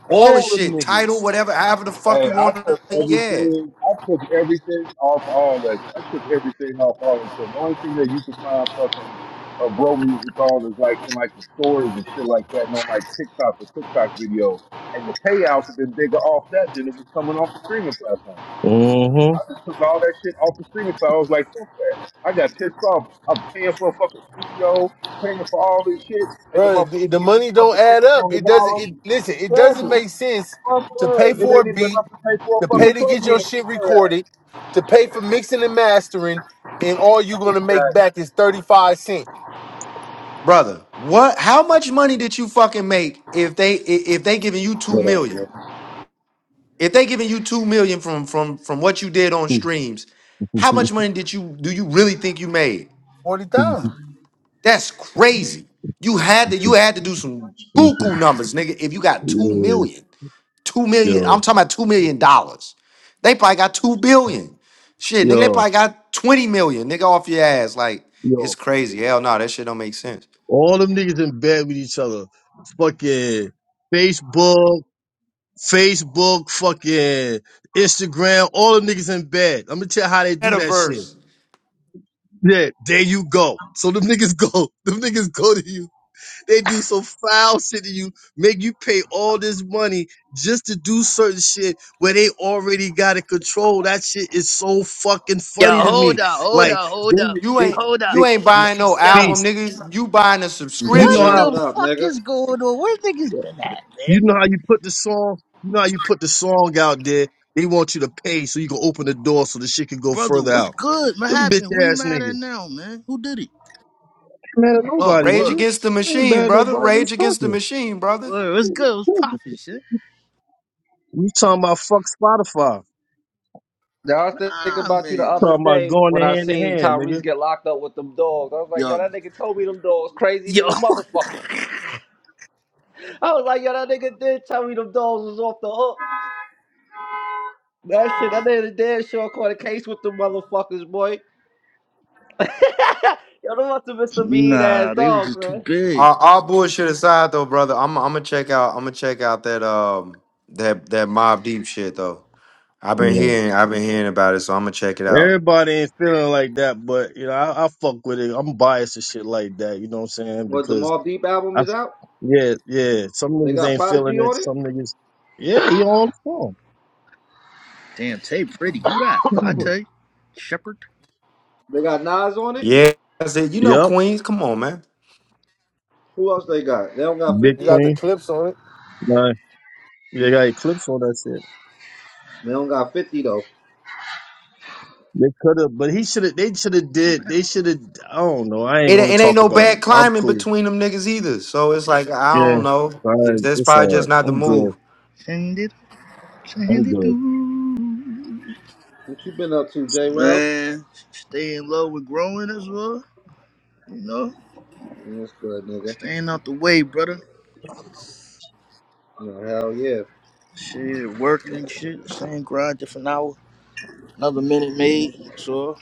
[SPEAKER 3] All the
[SPEAKER 4] All them
[SPEAKER 3] shit, title,
[SPEAKER 4] niggas.
[SPEAKER 3] whatever, however the fuck
[SPEAKER 5] Hey,
[SPEAKER 3] you
[SPEAKER 5] I
[SPEAKER 3] want to,
[SPEAKER 5] took
[SPEAKER 3] yeah.
[SPEAKER 5] everything. I took everything off all that. I took everything off all that. shit. The only thing that you can find fucking uh, bro music on is like in like the stories and shit like that, and on like TikTok or TikTok videos. And the payouts have been bigger off that than it was coming off the streaming platform.
[SPEAKER 4] Uh-huh.
[SPEAKER 5] I just took all that shit off the streaming side. I was like, fuck that. I got pissed off. I'm paying for a fucking studio, paying for all this shit, and the
[SPEAKER 2] Bro, the,
[SPEAKER 5] motherfuckers
[SPEAKER 2] the
[SPEAKER 5] give me
[SPEAKER 2] money don't
[SPEAKER 5] fucking
[SPEAKER 2] add
[SPEAKER 5] pennies
[SPEAKER 2] up.
[SPEAKER 5] on the
[SPEAKER 2] It doesn't.
[SPEAKER 5] dollar.
[SPEAKER 2] It listen. It doesn't
[SPEAKER 5] Exactly.
[SPEAKER 2] make sense
[SPEAKER 5] Fuck
[SPEAKER 2] to pay
[SPEAKER 5] that. It
[SPEAKER 2] for a
[SPEAKER 5] ain't even
[SPEAKER 2] beat,
[SPEAKER 5] enough to pay for a
[SPEAKER 2] to pay
[SPEAKER 5] fucking
[SPEAKER 2] to get your
[SPEAKER 5] plug-in for
[SPEAKER 2] shit
[SPEAKER 5] the third act.
[SPEAKER 2] recorded, to pay for mixing and mastering, and all you gonna make
[SPEAKER 5] Exactly.
[SPEAKER 2] back is thirty five cent,
[SPEAKER 3] Brother, what how much money did you fucking make if they i- if they giving you 2
[SPEAKER 1] What up, bro?
[SPEAKER 3] million? If they giving you two million from from from what you did on streams, how much money did you do you really think you made?
[SPEAKER 2] forty thousand.
[SPEAKER 3] That's crazy. You had to you had to do some buku numbers, nigga. If you got two
[SPEAKER 4] yeah,
[SPEAKER 3] million, two million, I'm
[SPEAKER 4] yo,
[SPEAKER 3] talking about two million dollars. They probably got two billion. Shit, nigga, they
[SPEAKER 4] yo,
[SPEAKER 3] probably got 20 million, nigga, off your ass. Like,
[SPEAKER 4] yo.
[SPEAKER 3] it's crazy. Hell no, that shit don't make sense.
[SPEAKER 4] All them niggas in bed with each other. Fucking Facebook, Facebook, fucking Instagram. All them niggas in bed. I'm gonna tell you how they do that shit.
[SPEAKER 3] Metaverse.
[SPEAKER 4] Yeah, there you go. So them niggas go. Them niggas go to you. They do some foul shit to you, make you pay all this money just to do certain shit where they already got it controlled. That shit is so fucking
[SPEAKER 6] Yo,
[SPEAKER 4] funny to
[SPEAKER 6] hold
[SPEAKER 4] me.
[SPEAKER 6] up, hold
[SPEAKER 4] Like
[SPEAKER 6] up, hold
[SPEAKER 4] they,
[SPEAKER 6] up,
[SPEAKER 3] You
[SPEAKER 4] they,
[SPEAKER 3] ain't
[SPEAKER 6] hold up.
[SPEAKER 3] you
[SPEAKER 4] they.
[SPEAKER 3] ain't buying no
[SPEAKER 6] Yo,
[SPEAKER 3] album,
[SPEAKER 4] Peace.
[SPEAKER 3] nigga. You buying a
[SPEAKER 4] You
[SPEAKER 6] what
[SPEAKER 4] know how?
[SPEAKER 1] Well,
[SPEAKER 3] subscription
[SPEAKER 6] the
[SPEAKER 1] what up,
[SPEAKER 6] fuck
[SPEAKER 1] nigga?
[SPEAKER 6] is going on? Where niggas been at,
[SPEAKER 4] You
[SPEAKER 6] man?
[SPEAKER 4] know how you put the song, you know how you put the song out there. They want you to pay so you can open the door so the shit can go
[SPEAKER 6] Brother,
[SPEAKER 4] further
[SPEAKER 6] what's
[SPEAKER 4] out.
[SPEAKER 6] good? What
[SPEAKER 4] Them bitch
[SPEAKER 6] happened? Who you
[SPEAKER 4] ass
[SPEAKER 6] mad at
[SPEAKER 4] niggas.
[SPEAKER 6] now, man? Who did it?
[SPEAKER 4] Man, at
[SPEAKER 6] Oh,
[SPEAKER 4] nobody,
[SPEAKER 3] Rage
[SPEAKER 4] nigga.
[SPEAKER 6] word.
[SPEAKER 3] Against the
[SPEAKER 4] I ain't
[SPEAKER 3] Machine,
[SPEAKER 4] bad at
[SPEAKER 3] brother.
[SPEAKER 4] nobody.
[SPEAKER 3] Rage
[SPEAKER 4] What's
[SPEAKER 3] Against the
[SPEAKER 4] talking?
[SPEAKER 3] Machine, brother.
[SPEAKER 6] Word, what's good? What's poppin', shit?
[SPEAKER 4] You talking about fuck Spotify?
[SPEAKER 1] Yeah, I was thinking
[SPEAKER 6] Nah,
[SPEAKER 1] about you the
[SPEAKER 6] man.
[SPEAKER 1] other
[SPEAKER 4] Talking about
[SPEAKER 1] day
[SPEAKER 4] going
[SPEAKER 1] when I
[SPEAKER 4] hand to
[SPEAKER 1] seen
[SPEAKER 4] hand,
[SPEAKER 1] Tyrese
[SPEAKER 4] nigga.
[SPEAKER 1] get locked up with them dogs. I was like, yo,
[SPEAKER 6] Yo,
[SPEAKER 1] that nigga told me them dogs crazy
[SPEAKER 6] yo.
[SPEAKER 1] than a motherfucker. I was like, yo, that nigga did tell me them dogs was off the hook. That shit, that nigga damn sure caught a case with them motherfuckers, boy. yo, them must have been some mean ass
[SPEAKER 6] Nah, they were
[SPEAKER 1] dogs,
[SPEAKER 6] just too
[SPEAKER 1] man.
[SPEAKER 6] big.
[SPEAKER 3] Uh, all bullshit aside, though, brother, I'm I'm gonna check out. I'm gonna check out that um that that Mob Deep shit though. I've been
[SPEAKER 4] Yeah.
[SPEAKER 3] hearing I've been hearing about it, so I'm gonna check it out.
[SPEAKER 4] Everybody ain't feeling like that, but you know, I, I fuck with it. I'm biased and shit like that. You know what I'm saying?
[SPEAKER 1] Well, the
[SPEAKER 4] Because
[SPEAKER 1] Mobb Deep album
[SPEAKER 4] I,
[SPEAKER 1] is out.
[SPEAKER 4] yeah, yeah. Some
[SPEAKER 1] They
[SPEAKER 4] niggas
[SPEAKER 1] got
[SPEAKER 4] ain't feeling
[SPEAKER 1] Prodigy
[SPEAKER 4] it.
[SPEAKER 1] on it.
[SPEAKER 4] Some niggas, yeah, you on the phone.
[SPEAKER 6] Damn, Tay pretty. Who that? I
[SPEAKER 4] Yeah.
[SPEAKER 6] tell you. Shepherd.
[SPEAKER 1] They got Nas on it.
[SPEAKER 3] Yeah, I said you know
[SPEAKER 4] Yep.
[SPEAKER 3] Queens. Come on, man.
[SPEAKER 1] Who else they got? They don't got
[SPEAKER 4] Big
[SPEAKER 2] You
[SPEAKER 1] 50.
[SPEAKER 2] got the
[SPEAKER 4] Queen.
[SPEAKER 2] clips on it.
[SPEAKER 4] Nah, they got Eclipse on that shit.
[SPEAKER 1] They don't got 50, though.
[SPEAKER 4] They could have, but he should have. They should have
[SPEAKER 6] She
[SPEAKER 4] did.
[SPEAKER 6] mad.
[SPEAKER 4] They should have. I don't know. I ain't
[SPEAKER 3] It
[SPEAKER 4] gonna
[SPEAKER 3] it ain't
[SPEAKER 4] talk
[SPEAKER 3] no
[SPEAKER 4] about
[SPEAKER 3] bad
[SPEAKER 4] it. I'm
[SPEAKER 3] climbing
[SPEAKER 4] cool.
[SPEAKER 3] between them niggas either. So it's like I
[SPEAKER 4] Yeah,
[SPEAKER 3] don't know.
[SPEAKER 4] all
[SPEAKER 3] It's,
[SPEAKER 4] right.
[SPEAKER 3] that's
[SPEAKER 4] It's
[SPEAKER 3] probably
[SPEAKER 4] all
[SPEAKER 3] just
[SPEAKER 4] right.
[SPEAKER 3] not the
[SPEAKER 4] I'm good.
[SPEAKER 3] move.
[SPEAKER 6] Send it, send
[SPEAKER 4] I'm
[SPEAKER 6] it
[SPEAKER 4] good.
[SPEAKER 6] through.
[SPEAKER 1] What you been up to, J. Ralph?
[SPEAKER 6] Man, staying low and growing as well, you know?
[SPEAKER 1] What's good, nigga?
[SPEAKER 6] Staying out the way, brother.
[SPEAKER 1] No, Hell yeah.
[SPEAKER 6] Shit, working and shit. Same grind, different hour. Another minute made. That's all.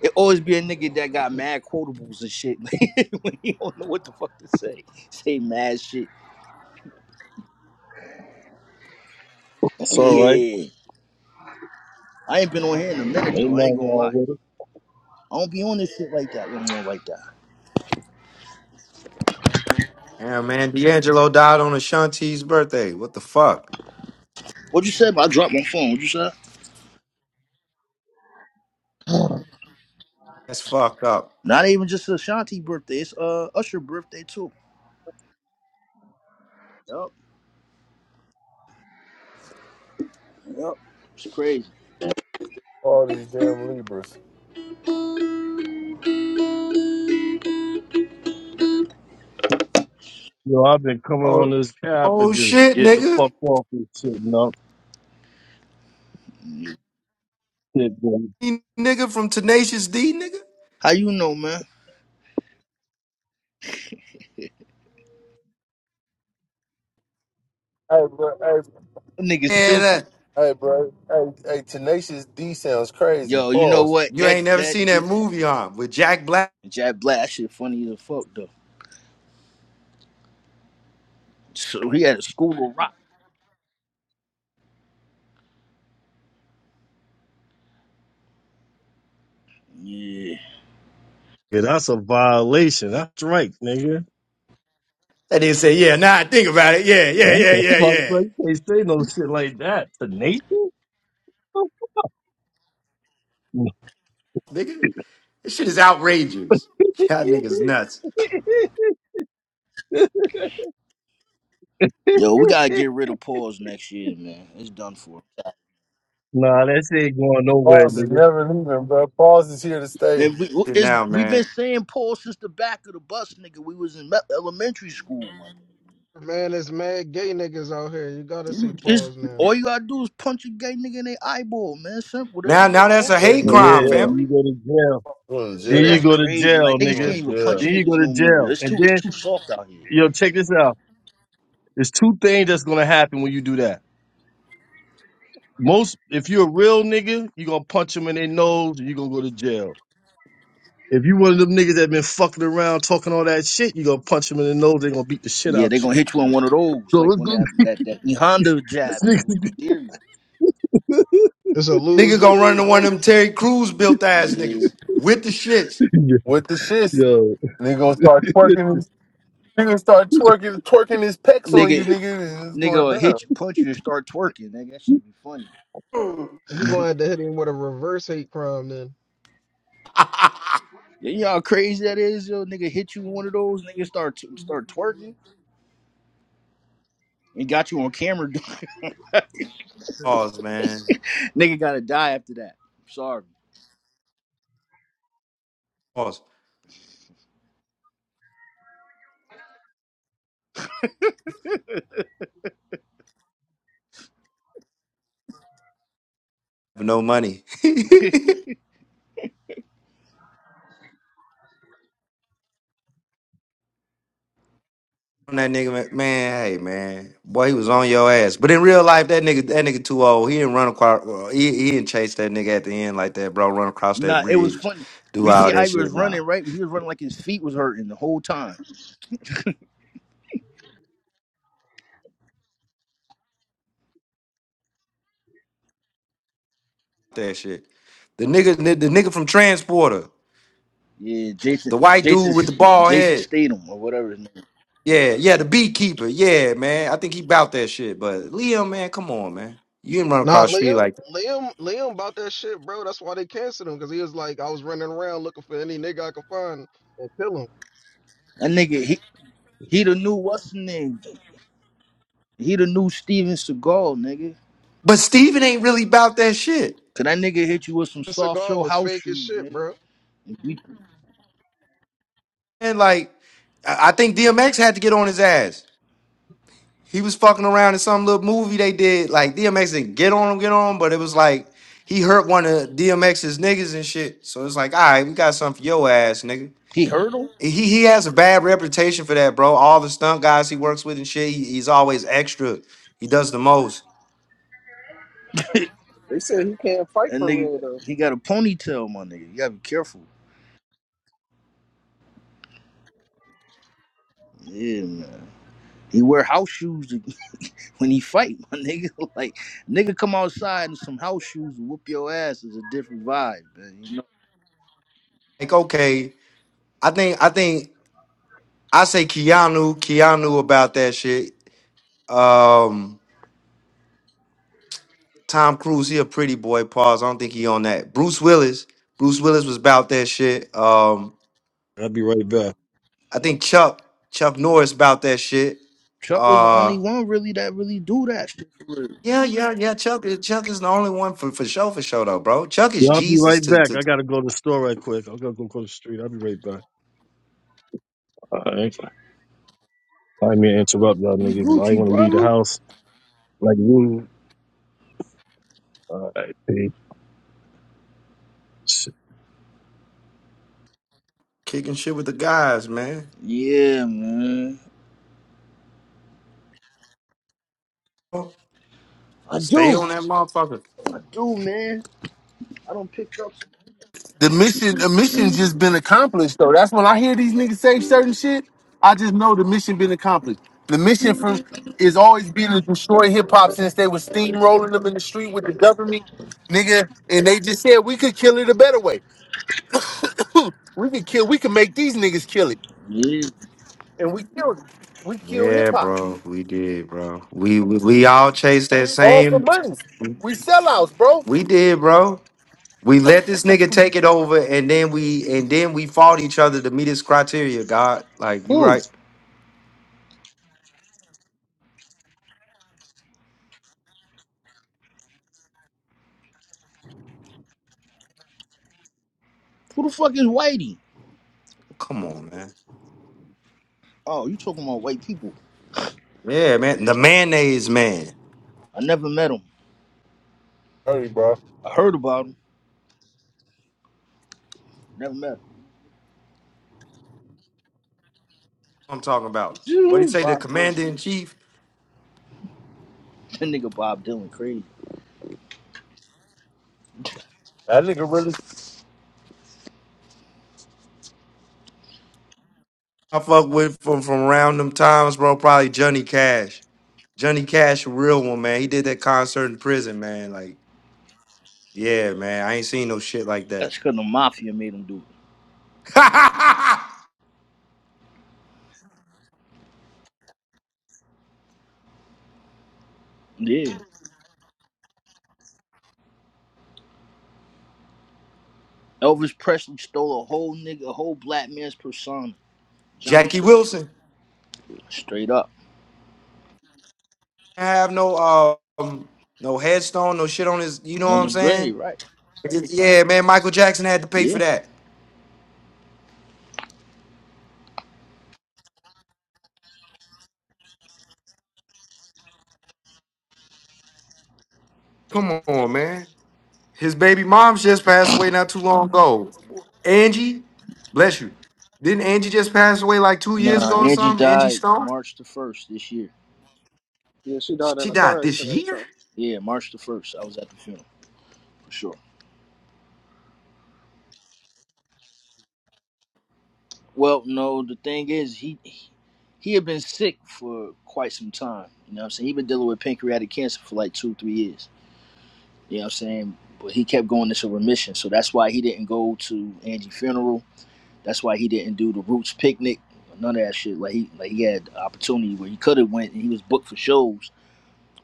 [SPEAKER 6] It always be a nigga that got mad quotables and shit when he don't know what the fuck to say. Say mad shit.
[SPEAKER 4] It's all right.
[SPEAKER 6] yeah. I ain't been on here in a minute
[SPEAKER 4] Ain't
[SPEAKER 6] though. I ain't
[SPEAKER 4] nothing
[SPEAKER 6] gonna
[SPEAKER 4] wrong
[SPEAKER 6] lie.
[SPEAKER 4] with it.
[SPEAKER 6] I don't be on this shit like that no more like that.
[SPEAKER 3] Yeah, man. D'Angelo died on Ashanti's birthday. What the fuck?
[SPEAKER 6] What you said? I dropped my phone. What you said?
[SPEAKER 3] That's fucked up.
[SPEAKER 6] Not even just Ashanti birthday. It's uh Usher birthday too. Yup. Yup. It's crazy.
[SPEAKER 2] All these damn Libras.
[SPEAKER 4] You know, I've been coming on
[SPEAKER 3] Oh,
[SPEAKER 4] this app and
[SPEAKER 3] oh
[SPEAKER 4] just
[SPEAKER 3] shit,
[SPEAKER 4] getting the
[SPEAKER 3] nigga.
[SPEAKER 4] fuck off and shit. No shit, boy.
[SPEAKER 3] nigga from Tenacious D nigga?
[SPEAKER 6] How you know, man?
[SPEAKER 2] Hey, bro, Hey.
[SPEAKER 6] Nigga
[SPEAKER 3] And
[SPEAKER 6] stupid.
[SPEAKER 3] uh,
[SPEAKER 2] Hey, bro. Hey, hey, Tenacious D sounds crazy.
[SPEAKER 6] Yo, you know
[SPEAKER 2] Pause.
[SPEAKER 6] what?
[SPEAKER 3] you
[SPEAKER 6] That
[SPEAKER 3] ain't never
[SPEAKER 6] that
[SPEAKER 3] seen that
[SPEAKER 6] do sound
[SPEAKER 3] movie,
[SPEAKER 6] crazy.
[SPEAKER 3] huh? With Jack Black.
[SPEAKER 6] Jack Black, that shit funny as a fuck though. So he had a school of rock. Yeah.
[SPEAKER 4] Yeah, that's a violation. That's right, nigga.
[SPEAKER 3] That nigga say, yeah, nah, think about it. Yeah, yeah,
[SPEAKER 4] What
[SPEAKER 3] yeah,
[SPEAKER 4] the
[SPEAKER 3] yeah,
[SPEAKER 4] fuck?
[SPEAKER 3] yeah.
[SPEAKER 4] Bro? You can't say no shit like that to nature.
[SPEAKER 3] Nigga, this shit is outrageous. Y'all niggas nuts.
[SPEAKER 6] Yo, we gotta get rid of Pauls next year, man. It's done for.
[SPEAKER 4] Nah, that shit going nowhere,
[SPEAKER 2] Pause is
[SPEAKER 4] nigga.
[SPEAKER 2] never leaving, bro. Pause is here to stay.
[SPEAKER 6] And we we-
[SPEAKER 3] Shit
[SPEAKER 6] it's,
[SPEAKER 3] Now,
[SPEAKER 6] we've
[SPEAKER 3] man.
[SPEAKER 6] been saying Paul since the back of the bus, nigga. We was in me- elementary school, man.
[SPEAKER 7] Man, it's mad gay niggas out here. You gotta say
[SPEAKER 6] You just
[SPEAKER 7] pause now.
[SPEAKER 6] all you gotta do is punch a gay nigga in their eyeball, man. Simple, whatever
[SPEAKER 3] Now, now
[SPEAKER 6] you
[SPEAKER 3] that's
[SPEAKER 6] want.
[SPEAKER 3] a
[SPEAKER 2] Bro, you
[SPEAKER 3] hate
[SPEAKER 2] going to
[SPEAKER 3] crime,
[SPEAKER 4] Yeah,
[SPEAKER 2] jail.
[SPEAKER 4] then
[SPEAKER 3] family.
[SPEAKER 4] you go to jail.
[SPEAKER 2] You going to
[SPEAKER 6] Yo,
[SPEAKER 4] Then you
[SPEAKER 6] that's
[SPEAKER 2] jail.
[SPEAKER 4] go to
[SPEAKER 6] crazy. Like
[SPEAKER 4] jail,
[SPEAKER 2] You
[SPEAKER 6] niggas
[SPEAKER 4] nigga.
[SPEAKER 6] can't
[SPEAKER 2] going to
[SPEAKER 6] even punch
[SPEAKER 4] Then
[SPEAKER 2] jail.
[SPEAKER 4] you
[SPEAKER 6] niggas
[SPEAKER 4] go to
[SPEAKER 6] no more. Yo,
[SPEAKER 4] jail.
[SPEAKER 6] it's
[SPEAKER 4] And
[SPEAKER 6] too it's
[SPEAKER 4] then,
[SPEAKER 6] too soft out here.
[SPEAKER 4] yo, check this out. There's two things that's gonna happen when you do that. Most, if you're a real nigga, you gonna punch them in their nose and you gonna go to jail. If you one of them niggas that been fucking around talking all that shit, you gonna punch them in the nose, they gonna beat the shit
[SPEAKER 6] Yeah, they
[SPEAKER 4] out you.
[SPEAKER 6] gonna hit you on one of those,
[SPEAKER 4] So
[SPEAKER 6] like
[SPEAKER 4] let's
[SPEAKER 6] when
[SPEAKER 4] go get
[SPEAKER 6] that that that E Honda
[SPEAKER 4] this
[SPEAKER 6] jab, nigga, with the
[SPEAKER 4] nigga.
[SPEAKER 6] theory.
[SPEAKER 7] It's a lose
[SPEAKER 3] Nigga gonna run
[SPEAKER 7] lose,
[SPEAKER 3] into one of
[SPEAKER 7] nigga.
[SPEAKER 3] them Terry Crews built ass
[SPEAKER 6] Yeah,
[SPEAKER 3] niggas with the shits.
[SPEAKER 2] With the shits.
[SPEAKER 4] Yo.
[SPEAKER 2] Nigga gonna start twerking. his- Nigga gonna start twerking, twerking his pecs on
[SPEAKER 6] nigga,
[SPEAKER 2] you, nigga. and It's
[SPEAKER 6] nigga
[SPEAKER 2] going
[SPEAKER 6] will
[SPEAKER 2] down.
[SPEAKER 6] hit you, punch you, and start twerking. Nigga, that shit be funny.
[SPEAKER 7] You gonna have to hit him with a reverse hate crime then.
[SPEAKER 6] Yeah, you know how crazy that is, yo. Nigga hit you with one of those, nigga start t- start twerking, and got you on camera.
[SPEAKER 7] That's crazy.
[SPEAKER 3] Pause, man.
[SPEAKER 6] nigga gotta die after that. Sorry.
[SPEAKER 3] Pause. For no money. on that nigga, man, man, hey man, boy, he was on your ass. But in real life, that nigga, that nigga too old. He didn't run across, well, he, he didn't chase that nigga at the end like that, bro. Run across that
[SPEAKER 6] nah, it was
[SPEAKER 3] bridge,
[SPEAKER 6] funny.
[SPEAKER 3] do
[SPEAKER 6] We see
[SPEAKER 3] all
[SPEAKER 6] how
[SPEAKER 3] that
[SPEAKER 6] he
[SPEAKER 3] shit.
[SPEAKER 6] was
[SPEAKER 3] Nah,
[SPEAKER 6] running, right? He was running like his feet was hurting the whole time.
[SPEAKER 3] that shit. The nigga, the nigga from Transporter,
[SPEAKER 6] Yeah,
[SPEAKER 3] the
[SPEAKER 6] Jason,
[SPEAKER 3] white dude
[SPEAKER 6] Jason,
[SPEAKER 3] with the bald
[SPEAKER 6] Jason
[SPEAKER 3] head.
[SPEAKER 6] Statham or whatever his name.
[SPEAKER 3] Yeah, yeah, the beekeeper. Yeah, man, I think he bout that shit. But Liam, man, come on, man, you didn't run
[SPEAKER 7] Nah,
[SPEAKER 3] across the street
[SPEAKER 7] Liam,
[SPEAKER 3] like that.
[SPEAKER 7] Liam, Liam about that shit, bro. That's why they canceled him because he was like, I was running around looking for any nigga I could find and kill him.
[SPEAKER 6] That nigga, he he the new what's the name? He the new Steven Seagal, nigga.
[SPEAKER 3] But Steven ain't really about that shit.
[SPEAKER 6] Cause that nigga hit you with some
[SPEAKER 7] The
[SPEAKER 6] soft
[SPEAKER 7] cigar
[SPEAKER 6] show
[SPEAKER 7] was
[SPEAKER 6] house
[SPEAKER 7] fake as
[SPEAKER 6] shoes,
[SPEAKER 7] shit,
[SPEAKER 6] nigga.
[SPEAKER 7] bro.
[SPEAKER 6] And we-
[SPEAKER 3] And like, I I think DMX had to get on his ass. He was fucking around in some little movie they did. Like DMX didn't get on him, get on him, but it was like he hurt one of DMX's niggas and shit. So it's like, all right, we got something for your ass, nigga.
[SPEAKER 6] He hurt him.
[SPEAKER 3] He he has a bad reputation for that, bro. All the stunt guys he works with and shit, he, he's always extra. He does the most.
[SPEAKER 7] They said he can't fight
[SPEAKER 6] That
[SPEAKER 7] for real
[SPEAKER 6] nigga,
[SPEAKER 7] though.
[SPEAKER 6] he got a ponytail, my nigga. You gotta be careful. Yeah, man. He wear house shoes to- when he fight, my nigga. Like, nigga come outside in some house shoes and whoop your ass is a different vibe, man. You know,
[SPEAKER 3] Like, okay, I think I think I say Keanu, Keanu about that shit. Um, Tom Cruise, he a pretty boy. Pause. I don't think he on that. Bruce Willis, Bruce Willis was about that shit. Um.
[SPEAKER 4] I'll be right back.
[SPEAKER 3] I think Chuck Chuck Norris about that shit.
[SPEAKER 6] Chuck was the only
[SPEAKER 3] Uh
[SPEAKER 6] one really that really do that shit for real.
[SPEAKER 3] yeah, yeah, yeah. Chuck Chuck is the only one for for show for show though, bro. Chuck
[SPEAKER 4] Yo,
[SPEAKER 3] is
[SPEAKER 4] I'll be
[SPEAKER 3] Jesus
[SPEAKER 4] right
[SPEAKER 3] to
[SPEAKER 4] back.
[SPEAKER 3] to,
[SPEAKER 4] I
[SPEAKER 3] to
[SPEAKER 4] gotta go to the store right quick. i got to go across the street. I'll be right back. Alright. I ain't mean to interrupt y'all
[SPEAKER 6] You
[SPEAKER 4] niggas, but I ain't
[SPEAKER 6] Gucci,
[SPEAKER 4] want to leave the
[SPEAKER 6] brother.
[SPEAKER 4] house like you. Alright, peace.
[SPEAKER 3] kicking shit with the guys, man.
[SPEAKER 6] Yeah, man. I
[SPEAKER 3] Stay
[SPEAKER 6] do.
[SPEAKER 3] on that motherfucker.
[SPEAKER 6] I do, man. I don't pick up.
[SPEAKER 2] the mission the mission's just been accomplished though. That's when I hear these niggas say certain shit. I just know the mission been accomplished. The mission from is always been to destroy hip hop since they was steamrolling them in the street with the government, nigga. And they just said we could kill it a better way. Hmm, we could kill. We could make these niggas kill it,
[SPEAKER 6] Yeah.
[SPEAKER 2] and we killed it. We killed hip
[SPEAKER 3] Yeah,
[SPEAKER 2] hop
[SPEAKER 3] bro. We did, bro. We we, we all chased that
[SPEAKER 2] all for
[SPEAKER 3] same.
[SPEAKER 2] money. We sellouts, bro.
[SPEAKER 3] We did, bro. We let this nigga take it over, and then we and then we fought each other to meet his criteria. God, like you
[SPEAKER 6] Who?
[SPEAKER 3] right.
[SPEAKER 6] Who the fuck is Whitey?
[SPEAKER 3] Come on, man.
[SPEAKER 6] Oh, you talking about white people?
[SPEAKER 3] Yeah, man. The mayonnaise man.
[SPEAKER 6] I never met him.
[SPEAKER 2] Hey, bro.
[SPEAKER 6] I heard about him. Never met
[SPEAKER 3] I'm talking about. What do you
[SPEAKER 6] him.
[SPEAKER 3] say? The
[SPEAKER 6] Bob Dylan.
[SPEAKER 3] commander in chief?
[SPEAKER 6] That nigga Bob Dylan crazy.
[SPEAKER 2] That nigga really.
[SPEAKER 3] I fuck with from from around them times, bro. Probably Johnny Cash. Johnny Cash, a real one, man. He did that concert in prison, man. Like, yeah, man. I ain't seen no shit like that.
[SPEAKER 6] That's because the mafia made him do it. Yeah. Elvis Presley stole a whole nigga, a whole black man's persona. Johnny
[SPEAKER 3] Jackie
[SPEAKER 6] Cash.
[SPEAKER 3] Wilson.
[SPEAKER 6] Straight up.
[SPEAKER 3] I have no um no headstone, no shit on his, you know what
[SPEAKER 6] On
[SPEAKER 3] I'm
[SPEAKER 6] his
[SPEAKER 3] saying?
[SPEAKER 6] grave, right?
[SPEAKER 3] Just- yeah, man, Michael Jackson had to pay for
[SPEAKER 6] Yeah.
[SPEAKER 3] that. Come on, man. His baby mom just passed away not too long ago. Angie, bless you. Didn't Angie just pass away like two years
[SPEAKER 6] Nah,
[SPEAKER 3] ago or
[SPEAKER 6] Angie
[SPEAKER 3] something? Angie
[SPEAKER 6] died
[SPEAKER 3] Stone?
[SPEAKER 6] March the 1st this year.
[SPEAKER 7] Yeah, she died in
[SPEAKER 3] She
[SPEAKER 7] a
[SPEAKER 3] died
[SPEAKER 7] car
[SPEAKER 3] this
[SPEAKER 7] accident.
[SPEAKER 3] year?
[SPEAKER 7] So
[SPEAKER 6] Yeah, March the 1st. I was at the funeral. For sure. Well, no, the thing is, he he had been sick for quite some time. You know what I'm saying? He'd been dealing with pancreatic cancer for like two, three years. You know what I'm saying? But he kept going into remission. So that's why he didn't go to Angie's funeral. That's why he didn't do the Roots picnic. None of that shit. Like he like he had an opportunity where he could have went and he was booked for shows,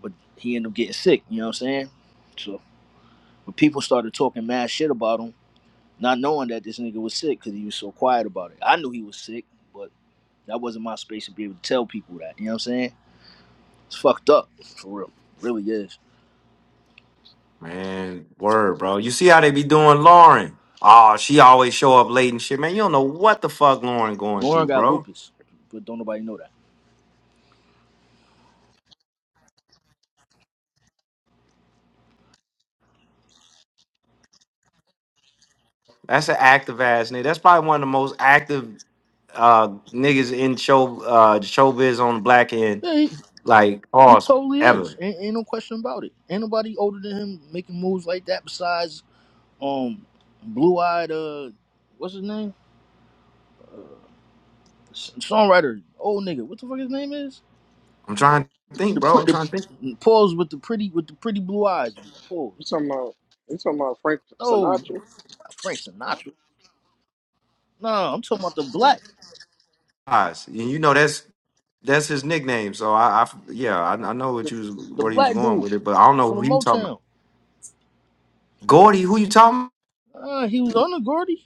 [SPEAKER 6] but he ended up getting sick, you know what I'm saying? So when people started talking mad shit about him, not knowing that this nigga was sick because he was so quiet about it. I knew he was sick, but that wasn't my space to be able to tell people that. You know what I'm saying? It's fucked up, for real. It really is.
[SPEAKER 3] Man, word, bro. You see how they be doing Lauren. Oh, she always show up late and shit. Man, you don't know what the fuck Lauren going
[SPEAKER 6] Lauren
[SPEAKER 3] through,
[SPEAKER 6] got
[SPEAKER 3] bro.
[SPEAKER 6] lupus, but don't nobody know that.
[SPEAKER 3] That's an active ass nigga. That's probably one of the most active uh niggas in show uh showbiz on the black end,
[SPEAKER 6] Yeah, he,
[SPEAKER 3] like
[SPEAKER 6] he
[SPEAKER 3] pause
[SPEAKER 6] totally is.
[SPEAKER 3] ever.
[SPEAKER 6] Ain't, ain't no question about it. Ain't nobody older than him making moves like that besides um blue eyed uh what's his name? S- Songwriter, old nigga. What the fuck his name is?
[SPEAKER 3] I'm trying to think,
[SPEAKER 6] The,
[SPEAKER 3] bro. I'm
[SPEAKER 6] pr-
[SPEAKER 3] trying to think.
[SPEAKER 6] the pause with the pretty with the pretty blue eyes. Pauls.
[SPEAKER 7] you talking about you talking about Frank
[SPEAKER 6] No,
[SPEAKER 7] Sinatra? You
[SPEAKER 6] not Frank Sinatra. No, I'm talking about the black,
[SPEAKER 3] Guys, And you know that's That's his nickname. So I, I yeah, I, I know what
[SPEAKER 6] the,
[SPEAKER 3] you was
[SPEAKER 6] the
[SPEAKER 3] where he was
[SPEAKER 6] black
[SPEAKER 3] going
[SPEAKER 6] dude
[SPEAKER 3] with it, but I don't know
[SPEAKER 6] from the
[SPEAKER 3] who you talking
[SPEAKER 6] Motown.
[SPEAKER 3] about. Gordy, who you talking? about?
[SPEAKER 6] Uh, he was on the Gordy.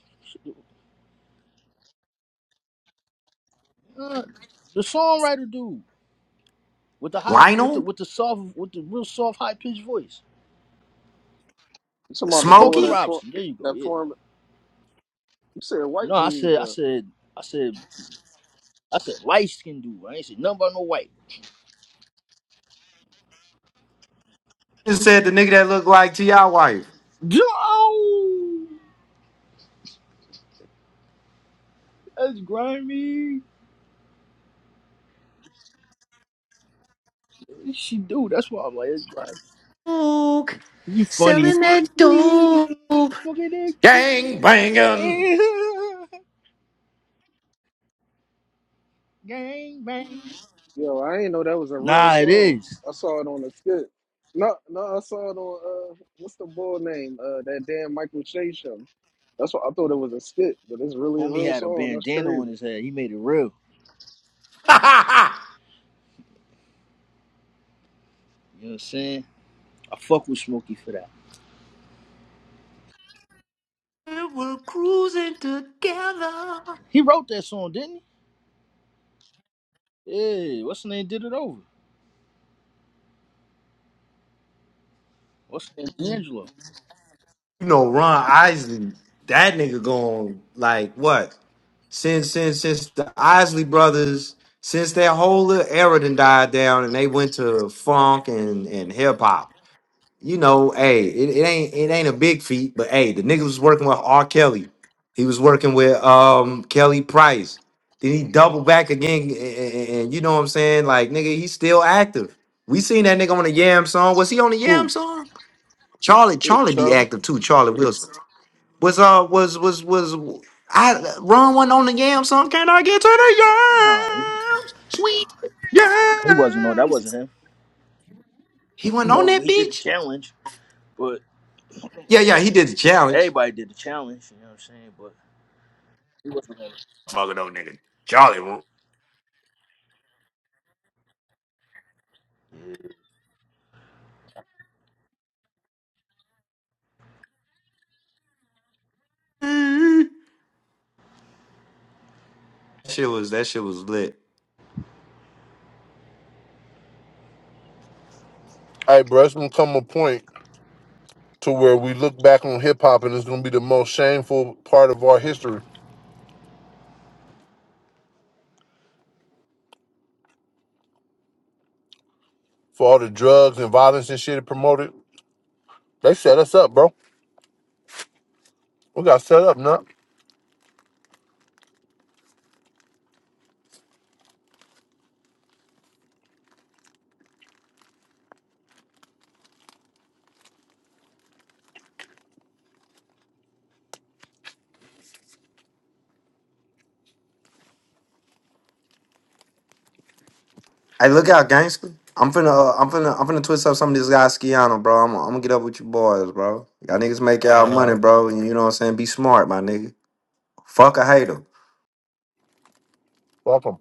[SPEAKER 6] Uh, the songwriter dude with the high, with the
[SPEAKER 3] Lionel,
[SPEAKER 6] with the soft, with the real soft, high pitched voice.
[SPEAKER 7] talking about the boy
[SPEAKER 6] Smokey
[SPEAKER 3] Smokey.
[SPEAKER 7] that for
[SPEAKER 6] Robinson. There you go.
[SPEAKER 7] that
[SPEAKER 6] Yeah.
[SPEAKER 7] formed? You said
[SPEAKER 6] No,
[SPEAKER 7] white
[SPEAKER 6] I
[SPEAKER 7] dude
[SPEAKER 6] said, I
[SPEAKER 7] though.
[SPEAKER 6] said, I said, I said, light skinned dude. I ain't said nothing about no white.
[SPEAKER 3] Just said the nigga that looked like Ti wife.
[SPEAKER 6] Oh, that's grimy. She do. That's why I'm like, that's grimy.
[SPEAKER 3] Coke,
[SPEAKER 6] You funny.
[SPEAKER 3] selling that dope.
[SPEAKER 6] We smoking that
[SPEAKER 3] Gang banging.
[SPEAKER 6] gang bang.
[SPEAKER 7] Yo, I ain't know that was a real
[SPEAKER 6] Nah, it
[SPEAKER 7] song.
[SPEAKER 6] is.
[SPEAKER 7] I saw it on the skit. No, no, I saw it on uh, what's the boy name? Uh, that damn Michael Che show. That's what I thought it was a skit, but it's really a
[SPEAKER 6] Homie
[SPEAKER 7] real
[SPEAKER 6] had a
[SPEAKER 7] song. That's
[SPEAKER 6] bandana on
[SPEAKER 7] crazy.
[SPEAKER 6] his head. He made it real. You know what I'm saying? I fuck with Smokey for that.
[SPEAKER 3] We were cruising together.
[SPEAKER 6] He wrote that song, didn't he? Yeah, what's the name? Did it over. What's the name? Angelo.
[SPEAKER 3] you know Ron Isley, that nigga going like what? Since since since the Isley brothers, since that whole little era done died down and they went to funk and, and hip hop. You know, hey, it, it ain't it ain't a big feat, but hey, the nigga was working with R. Kelly. He was working with um Kelly Price. Then he doubled back again, and, and and you know what I'm saying? Like nigga, he's still active. We seen that nigga on the Yam song. Was he on the Yam
[SPEAKER 6] Who?
[SPEAKER 3] song? Charlie,
[SPEAKER 6] Yeah,
[SPEAKER 3] Charlie be
[SPEAKER 6] Charlie.
[SPEAKER 3] active too. Charlie Wilson. Was uh was was was I wrong one on the yam song? Can I get to the
[SPEAKER 6] Nah, he,
[SPEAKER 3] yams? Sweet
[SPEAKER 6] he wasn't on. That
[SPEAKER 3] yams.
[SPEAKER 6] wasn't him.
[SPEAKER 3] He went on
[SPEAKER 6] No, but
[SPEAKER 3] that
[SPEAKER 6] he did the
[SPEAKER 3] bitch.
[SPEAKER 6] challenge. But
[SPEAKER 3] Yeah, yeah, he did the challenge.
[SPEAKER 6] everybody did the challenge. You know what I'm saying? But he wasn't on.
[SPEAKER 3] Fucking old nigga, Charlie. Wu- That shit was that shit was lit.
[SPEAKER 2] Hey, bro. It's gonna come a point. to where we look back on hip hop and it's gonna be the most shameful part of our history for all the drugs and violence and shit it promoted. They set us up, bro. We got set up, nut.
[SPEAKER 3] Hey, look out, gangster! I'm finna uh, I'm finna I'm finna twist up some of this guy Skiano, bro. I'm, I'm gonna get up with you boys, bro. Y'all niggas make y'all
[SPEAKER 2] All
[SPEAKER 3] money,
[SPEAKER 2] right,
[SPEAKER 3] bro. and You know what I'm saying? Be smart, my nigga. Fuck a hater.
[SPEAKER 2] welcome.